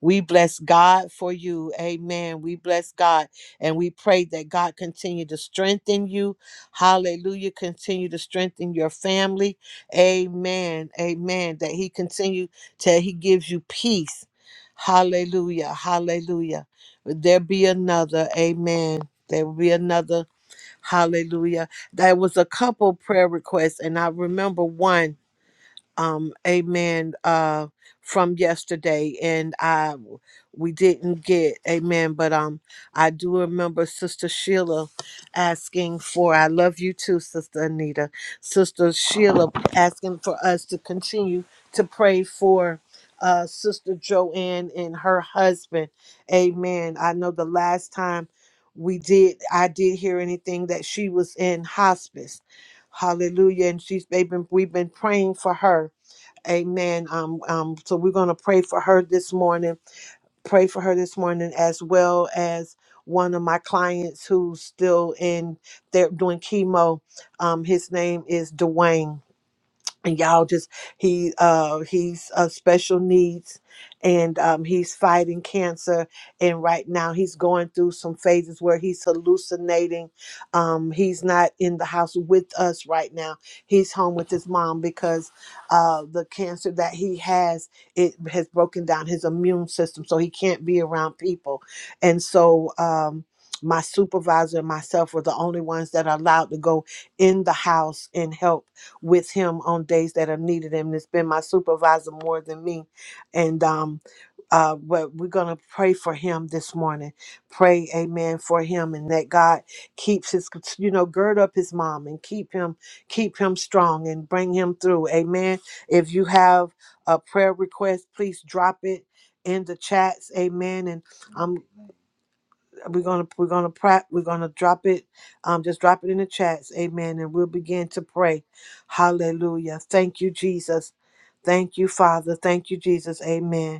S2: We bless God for you. Amen. We bless God and we pray that God continue to strengthen you. Hallelujah. Continue to strengthen your family. Amen. Amen. That he continue till he gives you peace. Hallelujah. Hallelujah. There be another. Amen. There will be another. Hallelujah. There was a couple prayer requests and I remember one um amen uh from yesterday and i we didn't get amen but um i do remember sister sheila asking for i love you too sister anita sister sheila asking for us to continue to pray for uh sister joanne and her husband amen i know the last time we did i did hear anything that she was in hospice hallelujah and she's they've been we've been praying for her Amen. Um, um, so we're going to pray for her this morning. Pray for her this morning, as well as one of my clients who's still in there doing chemo. Um, his name is Dwayne and y'all just he uh he's uh special needs and um he's fighting cancer and right now he's going through some phases where he's hallucinating um he's not in the house with us right now he's home with his mom because uh the cancer that he has it has broken down his immune system so he can't be around people and so um my supervisor and myself were the only ones that are allowed to go in the house and help with him on days that are needed. And it's been my supervisor more than me. And um, uh, but we're gonna pray for him this morning. Pray, Amen, for him, and that God keeps his, you know, gird up his mom and keep him, keep him strong and bring him through. Amen. If you have a prayer request, please drop it in the chats. Amen. And I'm we're gonna we're gonna prep we're gonna drop it um just drop it in the chats amen and we'll begin to pray hallelujah thank you jesus thank you father thank you jesus amen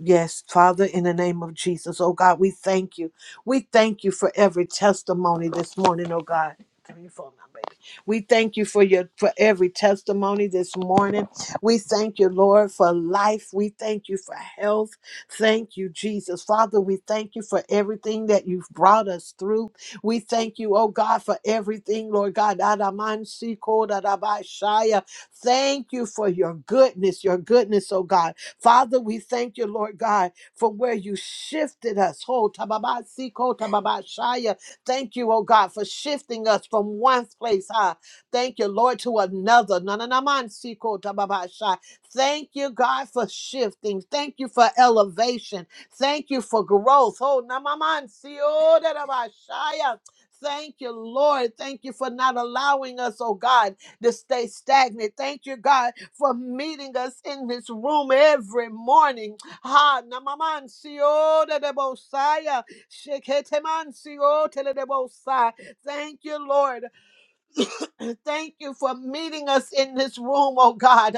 S2: Yes, Father, in the name of Jesus, oh God, we thank you. We thank you for every testimony this morning, oh God. Give me your phone now, baby. We thank you for your for every testimony this morning. We thank you, Lord, for life. We thank you for health. Thank you, Jesus. Father, we thank you for everything that you've brought us through. We thank you, oh God, for everything, Lord God. Adaman siko dadabashaya. Thank you for your goodness, your goodness, oh God. Father, we thank you, Lord God, from where you shifted us. Ho, tababasi, ko, tababashaya. Thank you, oh God, for shifting us from one place, high. Thank you, Lord, to another. Na, na, na, man, si, ko, tababasha. Thank you, God, for shifting. Thank you for elevation. Thank you for growth. Oh, namaman, si, oh, da, da, ba, shaya. Thank you, Lord. Thank you for not allowing us, oh God, to stay stagnant. Thank you, God, for meeting us in this room every morning. Ha namamancio de debosaya. Sheketemancio tele debosai. Thank you, Lord. Thank you for meeting us in this room, oh God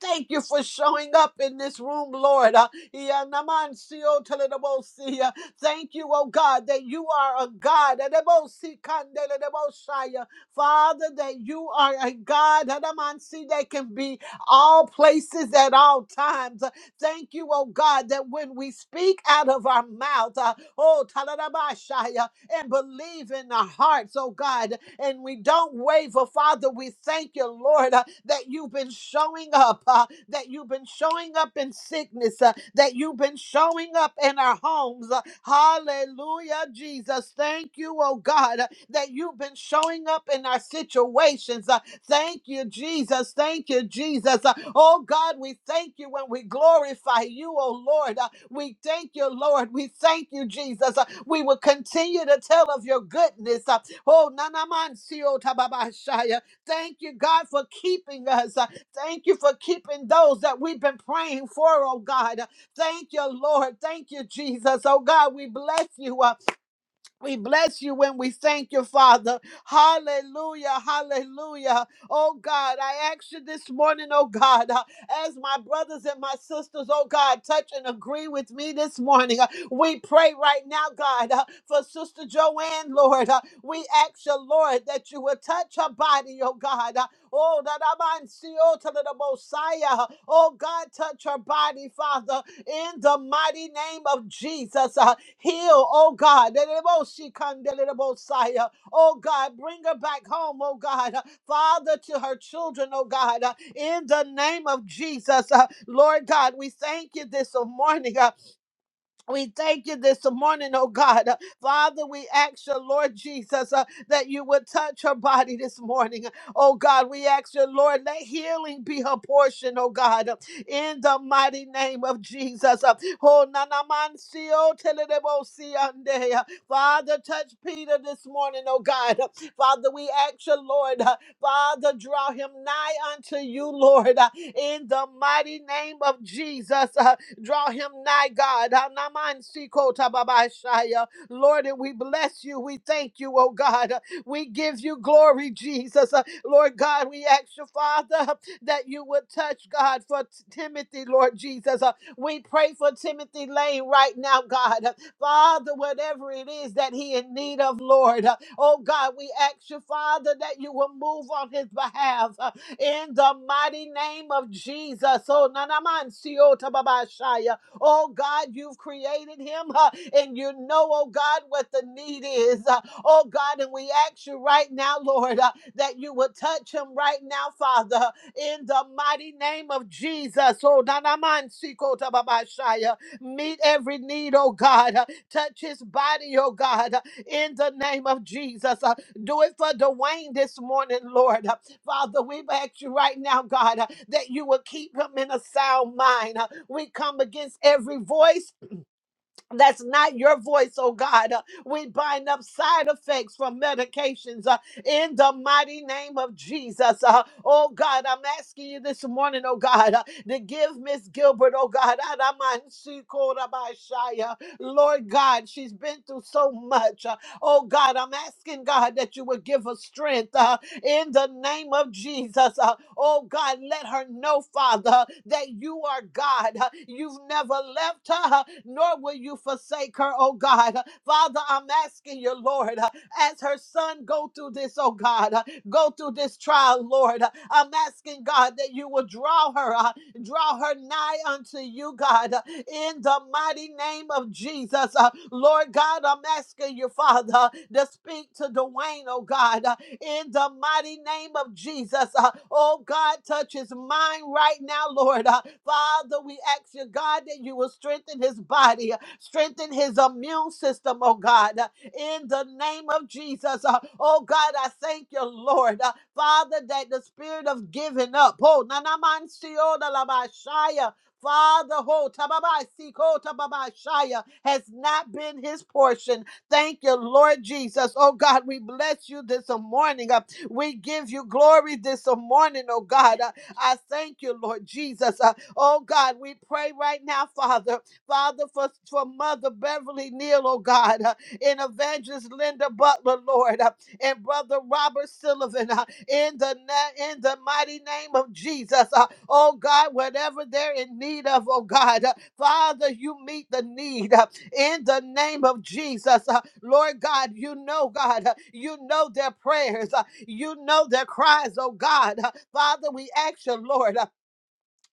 S2: thank you for showing up in this room, Lord. Uh, Yanamansio telebosi, uh, Thank you, oh God, that you are a God. Edebosi kandelebosai, uh, Father, that you are a God Adamansi, that can be all places at all times. Uh, Thank you, oh God, that when we speak out of our mouth, uh, oh, Taladabashaya, and believe in our hearts, oh God and we don't waver. Father, we thank you, Lord, uh, that you've been showing up, uh, that you've been showing up in sickness, uh, that you've been showing up in our homes. uh, hallelujah, Jesus. Thank you, oh God, uh, that you've been showing up in our situations. uh, thank you, Jesus. Thank you, Jesus. Uh, oh God, we thank you when we glorify you, oh Lord. Uh, we thank you, Lord. We thank you, Jesus. Uh, we will continue to tell of your goodness. Uh, Oh, Nanamansio Tababashaya. Thank you, God, for keeping us. Uh, Thank you for keeping those that we've been praying for, oh God. Uh, Thank you, Lord. Thank you, Jesus. Oh God, we bless you. Uh, we bless you when we thank you, Father. Hallelujah, hallelujah. Oh God, I ask you this morning, oh God, uh, as my brothers and my sisters, oh God, touch and agree with me this morning. Uh, we pray right now, God, uh, for Sister Joanne, Lord. Uh, we ask you, Lord, that you will touch her body, oh God. Uh, oh, that I might see, oh, to the Messiah. uh, Oh God, touch her body, Father, in the mighty name of Jesus. Uh, Heal, oh God. Oh God, bring her back home, oh God. Father, to her children, oh God. In the name of Jesus, uh, Lord God, we thank you this morning. Uh, we thank you this morning, oh God. Uh, Father, we ask you, Lord Jesus, uh, that you would touch her body this morning. Oh God, we ask you, Lord, let healing be her portion, oh God, uh, in the mighty name of Jesus. Uh, oh, na- na- man- si- oh, tele- de- bo- si- ande. Uh, Father, touch Peter this morning, oh God. Uh, Father, we ask you, Lord, uh, Father, draw him nigh unto you, Lord, uh, in the mighty name of Jesus. Draw him nigh, God. Anamansikotobabashaya. Lord, and we bless you. We thank you, oh God. We give you glory, Jesus. Uh, Lord God, we ask you, Father, that you would touch, God, for T- Timothy, Lord Jesus. Uh, We pray for Timothy Lane right now, God. Uh, Father, whatever it is that he in need of, Lord. uh, Oh God, we ask you, Father, that you will move on his behalf in the mighty name of Jesus. Oh, nanaman siota babashaya. Oh, God, you've created him huh, and you know, oh, God, what the need is. Uh, Oh, God, and we ask you right now, Lord, uh, that you would touch him right now, Father, in the mighty name of Jesus. Oh, nanaman sikota babashaya. Meet every need, oh, God. Uh, Touch his body, oh, God, uh, in the name of Jesus. Uh, do it for Dwayne this morning, Lord. huh. Father, we ask you right now, God, uh, that you will keep him in a sound mind. Uh, We come against every voice that's not your voice, oh God. Uh, We bind up side effects from medications uh, in the mighty name of Jesus. Uh, Oh God, I'm asking you this morning, oh God, uh, to give Miss Gilbert, oh God, Adaman Sikorabashaya. Lord God, she's been through so much. Oh God, I'm asking God that you would give her strength uh, in the name of Jesus. Uh, oh God, let her know, Father, that you are God. Uh, You've never left her, uh, nor will you forsake her, oh God. Uh, Father, I'm asking you, Lord, uh, as her son go through this, oh God, uh, go through this trial, Lord. Uh, I'm asking God that you will draw her, uh, draw her nigh unto you, God in the mighty name of Jesus. Uh, Lord God, I'm asking you, Father, to speak to Dwayne, oh God, uh, in the mighty name of Jesus. Uh, oh God, touch his mind right now, Lord. Uh, Father, we ask you, God, that you will strengthen his body, uh, strengthen his immune system, oh God, uh, in the name of Jesus. Uh, oh God, I thank you, Lord. Uh, Father, that the spirit of giving up, oh, nanaman siyo dalabashaya, Father, ho, tababai, siko, tababai, shaya, has not been his portion. Thank you, Lord Jesus. Oh God, we bless you this morning. Uh, We give you glory this morning, oh God. Uh, I thank you, Lord Jesus. Uh, Oh God, we pray right now, Father. Father, for, for Mother Beverly Neal, oh God, uh, and Evangelist Linda Butler, Lord, uh, and Brother Robert Sullivan. uh, in the na- in the mighty name of Jesus. Uh, oh God, whatever they're in need of, oh God, uh, Father, you meet the need uh, in the name of Jesus. Uh, Lord God, you know, God, uh, you know their prayers, uh, you know their cries, oh God. Uh, Father, we ask you, Lord. uh,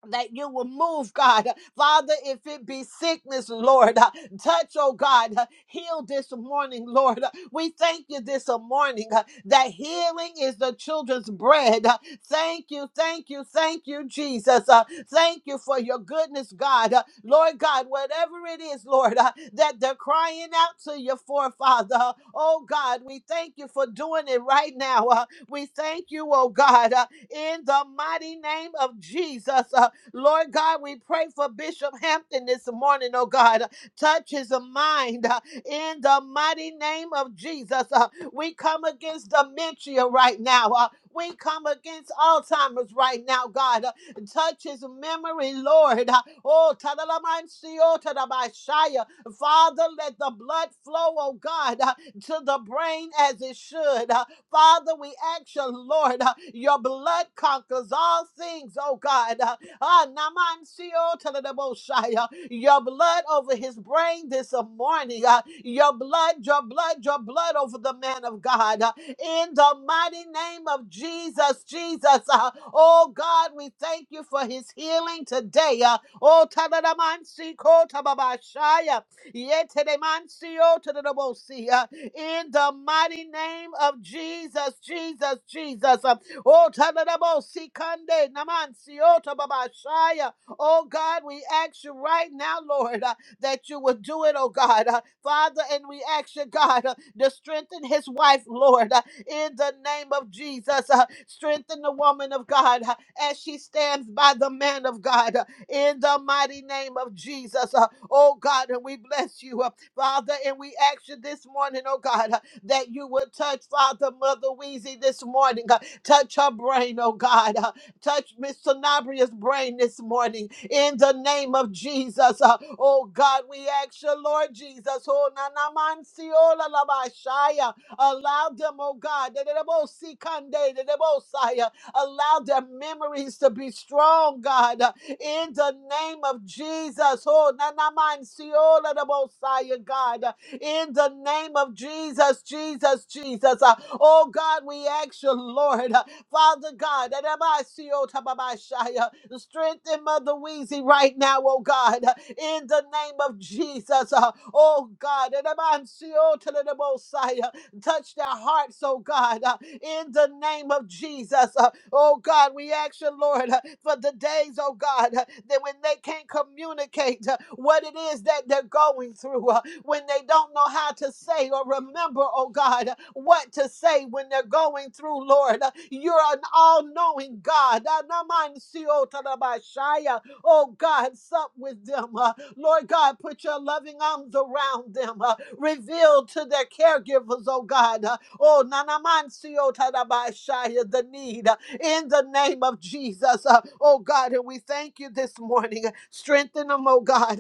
S2: that you will move, God. Father, if it be sickness, Lord, uh, touch, oh God, uh, heal this morning, Lord. Uh, We thank you this morning uh, that healing is the children's bread. Uh, Thank you, thank you, thank you, Jesus. Uh, Thank you for your goodness, God. Uh, Lord God, whatever it is, Lord, uh, that they're crying out to you for, Father. Uh, Oh God, we thank you for doing it right now. Uh, We thank you, oh God, uh, in the mighty name of Jesus. Uh, Lord God, we pray for Bishop Hampton this morning, oh God. Touch his mind uh, in the mighty name of Jesus. Uh, We come against dementia right now. Uh, We come against Alzheimer's right now, God. Uh, Touch his memory, Lord. Uh, Oh, tadalamancio, tadabashaya. Father, let the blood flow, oh God, uh, to the brain as it should. Uh, Father, we ask you, Lord, uh, your blood conquers all things, oh God. Uh, Ah, Namansio Teledeboshaya. Your blood over his brain this morning. ah. Your blood, your blood, your blood over the man of God. ah. In the mighty name of Jesus, Jesus. ah. Oh God, we thank you for his healing today. ah. Oh Telemansiko Tababashaya. Yetelemansio Teledebosia. In the mighty name of Jesus, Jesus, Jesus. ah. Oh, Tadadabo, Sikande, Namansi, Otababashaya. Oh, God, we ask you right now, Lord, uh, that you would do it, oh, God. Uh, Father, and we ask you, God, uh, to strengthen his wife, Lord, uh, in the name of Jesus. Uh, strengthen the woman of God uh, as she stands by the man of God uh, in the mighty name of Jesus. Uh, oh, God, and we bless you, uh, Father, and we ask you this morning, oh, God, uh, that you would touch Father Mother Weezy this morning. uh, Touch her brain, oh God. Uh, touch Miss Sanabria's brain this morning in the name of Jesus. Uh, oh God, we ask you, Lord Jesus. Oh, na na man si o la la ba shaya. Allow them, oh God, that they both see Kande, that they both saya. allow their memories to be strong, God, uh, in the name of Jesus. Oh, na na man si o la la bo saya, God. uh, in the name of Jesus, Jesus, Jesus. Uh, oh God, we ask you, Lord, uh, Father God, that I see you, Tababashaya, strengthen Mother Weezy right now, oh God, uh, in the name of Jesus. Uh, oh God, that I see you, Talalabosaya, touch their hearts, oh God. uh, in the name of Jesus. Uh, Oh God, we ask you, Lord, uh, for the days, oh God, uh, that when they can't communicate uh, what it is that they're going through, uh, when they don't know how to say or remember, oh God, uh, what to say when they're going through, Lord. Uh, You're an all knowing God. Anamansiotarabashaya. Oh God, sup with them. Uh, Lord God, put your loving arms around them. Uh, Reveal to their caregivers, oh God, uh, Oh, Nanamancio Tadabashaya, the need uh, in the name of Jesus. Uh, Oh God, and we thank you this morning. Strengthen them, oh God.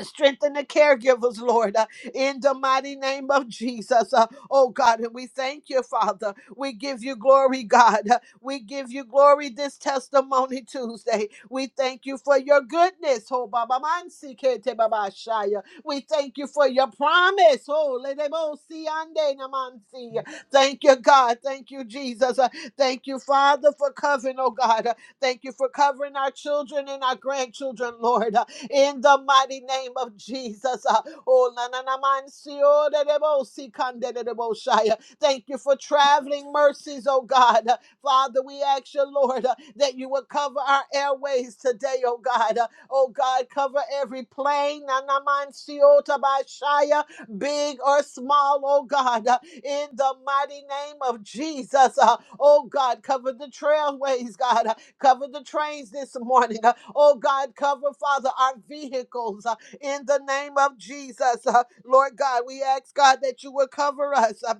S2: Strengthen the caregivers, Lord, uh, in the mighty name of Jesus. Uh, oh God, and we thank you, Father. We give you glory, God. Uh, we give you glory this testimony Tuesday. We thank you for your goodness. Oh, Baba Mansi Kete Baba Shaya. We thank you for your promise. Oh, Ledebo Siande Namansi. Thank you, God. Thank you, Jesus. Uh, thank you, Father, for covering, oh God. Uh, thank you for covering our children and our grandchildren, Lord. Uh, in the mighty name of Jesus. Uh, Oh, na na na man si o de de bo si kan de de de bo shai. Uh, Thank you for traveling mercies, oh God. Uh, Father, we ask you, Lord, uh, that you will cover our airways today, oh God. Uh, Oh God, cover every plane, na na man si o ta ba shai, uh, big or small, oh God, uh, in the mighty name of Jesus. Uh, Oh God, cover the trailways, God. Cover the trains this morning. Uh, Oh God, cover, Father, our vehicles uh, in the name of Jesus. Uh, Lord God, we ask God that you would cover us. Uh,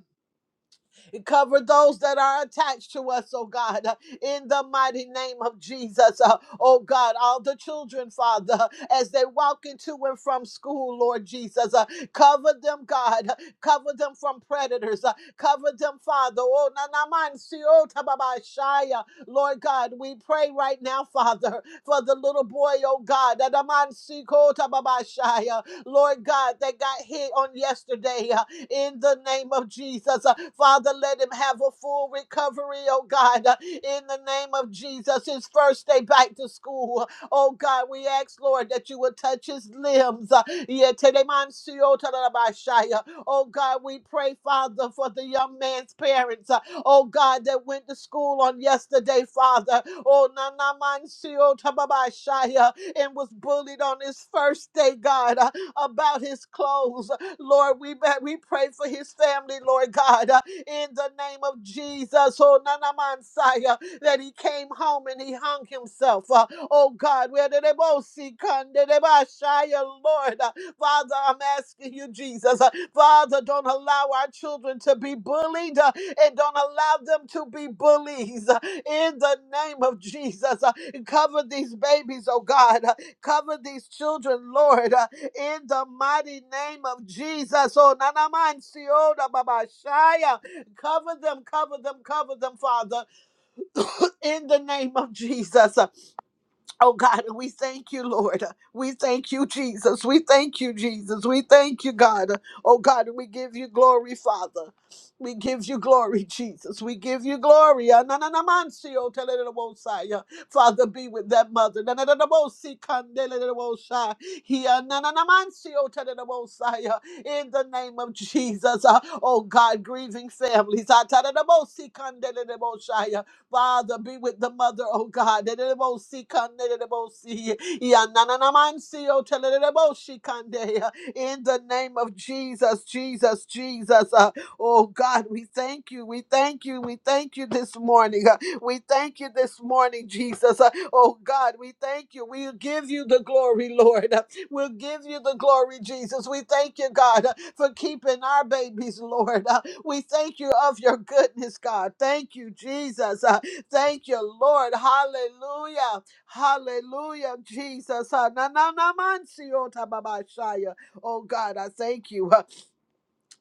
S2: Cover those that are attached to us, oh God, uh, in the mighty name of Jesus. Uh, Oh God, all the children, Father, as they walk into and from school, Lord Jesus, uh, cover them, God. uh, Cover them from predators. uh, Cover them, Father. Oh, na na man si o ta ba ba shaya. Lord God, we pray right now, Father, for the little boy, oh God, that a man si ko ta ba ba shaya. Lord God, they got hit on yesterday. Uh, in the name of Jesus. Uh, Father, let him have a full recovery, oh God, uh, in the name of Jesus. His first day back to school, oh God, we ask, Lord, that you would touch his limbs. Uh, Yeteremansiotarabashaya. Oh God, we pray, Father, for the young man's parents, uh, oh God, that went to school on yesterday, Father. Oh, Nanamanciotababashaya, and was bullied on his first day, God, uh, about his clothes. Lord, we ba- we pray for his family, Lord God, uh, in the name of Jesus. Oh, Nanamansaya, that he came home and he hung himself. uh, oh God, where did they both see Kandedebashaya, Lord? uh, Father, I'm asking you, Jesus. uh, Father, don't allow our children to be bullied uh, and don't allow them to be bullies. uh, in the name of Jesus, uh, cover these babies, oh God. uh, cover these children, Lord. uh, in the mighty name of Jesus. Oh, nanaman sioda babashaya. Cover them, cover them, cover them, Father, in the name of Jesus. Oh God, and we thank you, Lord. We thank you, Jesus. We thank you, Jesus. We thank you, God. Oh God, and we give you glory, Father. We give you glory, Jesus. We give you glory. Ah, na, na, na, man, si, oh, tele, le, le, wo, si, ah. Father, be with that mother. Na, na, na, na, wo, si, kan, de, le, le, le, wo, si. He, ah, na, na, na, man, si, oh, tele, le, wo, si, ah. In the name of Jesus. ah. Oh God, grieving families. Ah, ta, da, da, wo, si, kan, de, le, le, wo, si. Father, be with the mother, oh God. Dededebosi kande, dededebosi. Yanananamansi, oh, telededeboshi kande. In the name of Jesus, Jesus, Jesus. Uh, Oh God, we thank you. We thank you. We thank you this morning. Uh, We thank you this morning, Jesus. Uh, Oh God, we thank you. We'll give you the glory, Lord. Uh, We'll give you the glory, Jesus. We thank you, God, uh, for keeping our babies, Lord. Uh, We thank you of your goodness, God. Thank you, Jesus. Uh, Thank you, Lord. Hallelujah. Hallelujah, Jesus. Ah, na, na, na, man, si, Oh ta, ba, ba, shaya. Oh, God, I thank you.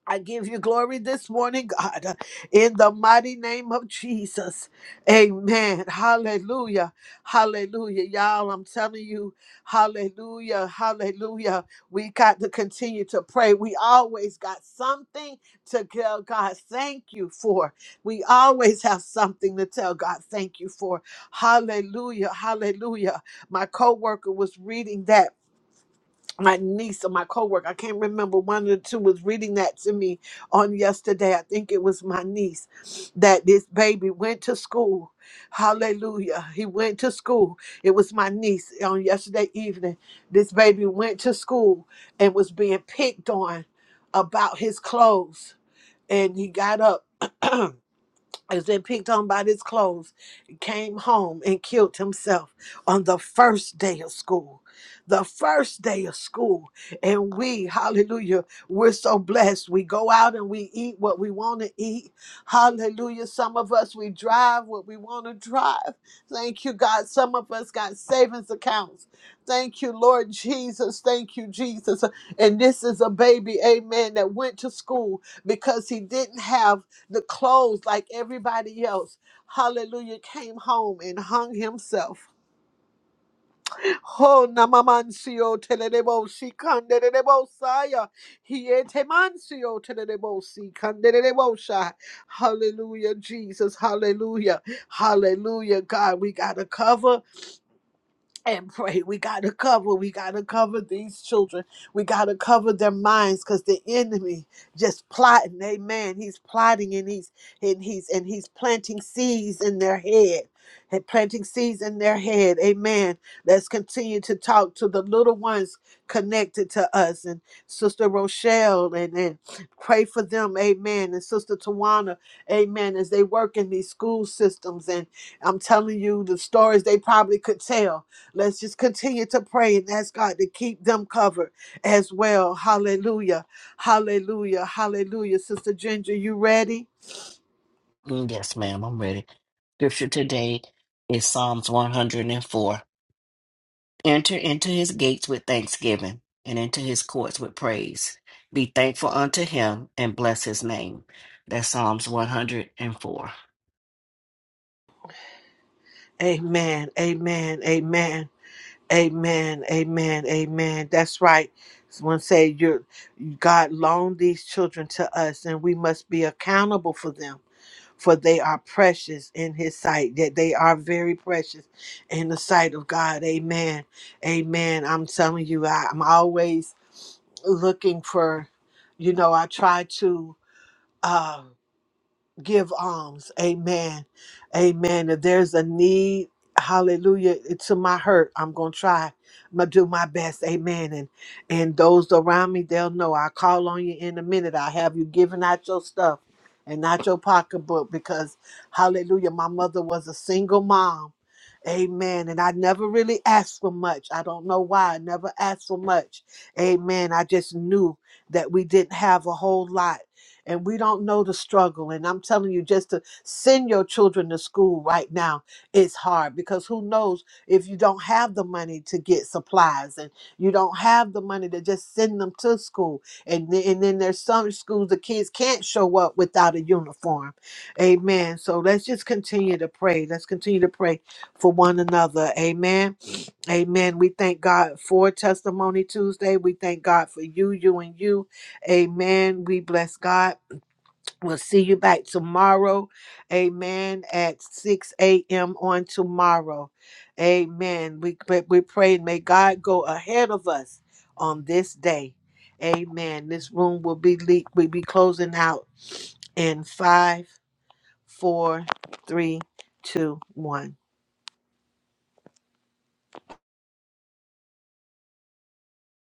S2: I give you glory this morning, God, in the mighty name of Jesus. Amen. Hallelujah. Hallelujah. Y'all, I'm telling you, hallelujah. Hallelujah. We got to continue to pray. We always got something to tell God thank you for. We always have something to tell God thank you for. Hallelujah. Hallelujah. My coworker was reading that my niece or my coworker, I can't remember one of the two was reading that to me on yesterday. I think it was my niece that this baby went to school. Hallelujah. He went to school. It was my niece on yesterday evening. This baby went to school and was being picked on about his clothes. And he got up has been picked on by his clothes, came home and killed himself on the first day of school. The first day of school. And we, hallelujah, we're so blessed. We go out and we eat what we want to eat. Hallelujah. Some of us, we drive what we want to drive. Thank you, God. Some of us got savings accounts. Thank you, Lord Jesus. Thank you, Jesus. And this is a baby, amen, that went to school because he didn't have the clothes like everybody else. Hallelujah. Came home and hung himself. Oh, namamancio teledebo si candedebo saya. He Hietemancio teledebo si candedebo shai. Hallelujah, Jesus. Hallelujah. Hallelujah, God. We got to cover and pray. We got to cover. We got to cover these children. We got to cover their minds because the enemy just plotting. Amen. He's plotting and he's and he's and he's planting seeds in their head. And planting seeds in their head. Amen. Let's continue to talk to the little ones connected to us and Sister Rochelle and, and pray for them. Amen. And Sister Tawana amen, as they work in these school systems. And I'm telling you the stories they probably could tell. Let's just continue to pray and ask God to keep them covered as well. Hallelujah. Hallelujah. Hallelujah. Sister Ginger, you ready?
S4: Mm, Yes, ma'am, I'm ready. Scripture today is Psalms 104. Enter into his gates with thanksgiving and into his courts with praise. Be thankful unto him and bless his name. That's Psalms 104.
S2: Amen. Amen. Amen. Amen. Amen. Amen. That's right. Someone say you're God loaned these children to us and we must be accountable for them. for they are precious in his sight that they are very precious in the sight of god amen amen i'm telling you I, i'm always looking for you know i try to um, give alms. Amen. Amen. If there's a need, hallelujah, to my hurt, I'm gonna try. I'm gonna do my best. Amen. And and those around me, they'll know. I call on you in a minute. I have you giving out your stuff and not your pocketbook because hallelujah, my mother was a single mom. Amen. And I never really asked for much. I don't know why. I never asked for much. Amen. I just knew that we didn't have a whole lot and we don't know the struggle. And I'm telling you, just to send your children to school right now is hard because who knows if you don't have the money to get supplies and you don't have the money to just send them to school. And, th- and then there's some schools the kids can't show up without a uniform. Amen. So let's just continue to pray. Let's continue to pray for one another. Amen. Amen. We thank God for Testimony Tuesday. We thank God for you, you, and you. Amen. We bless God. We'll see you back tomorrow. Amen. At 6 a.m. on tomorrow. Amen. We, we pray and may God go ahead of us on this day. Amen. This room will be le- will be closing out in five, four, three, two, one.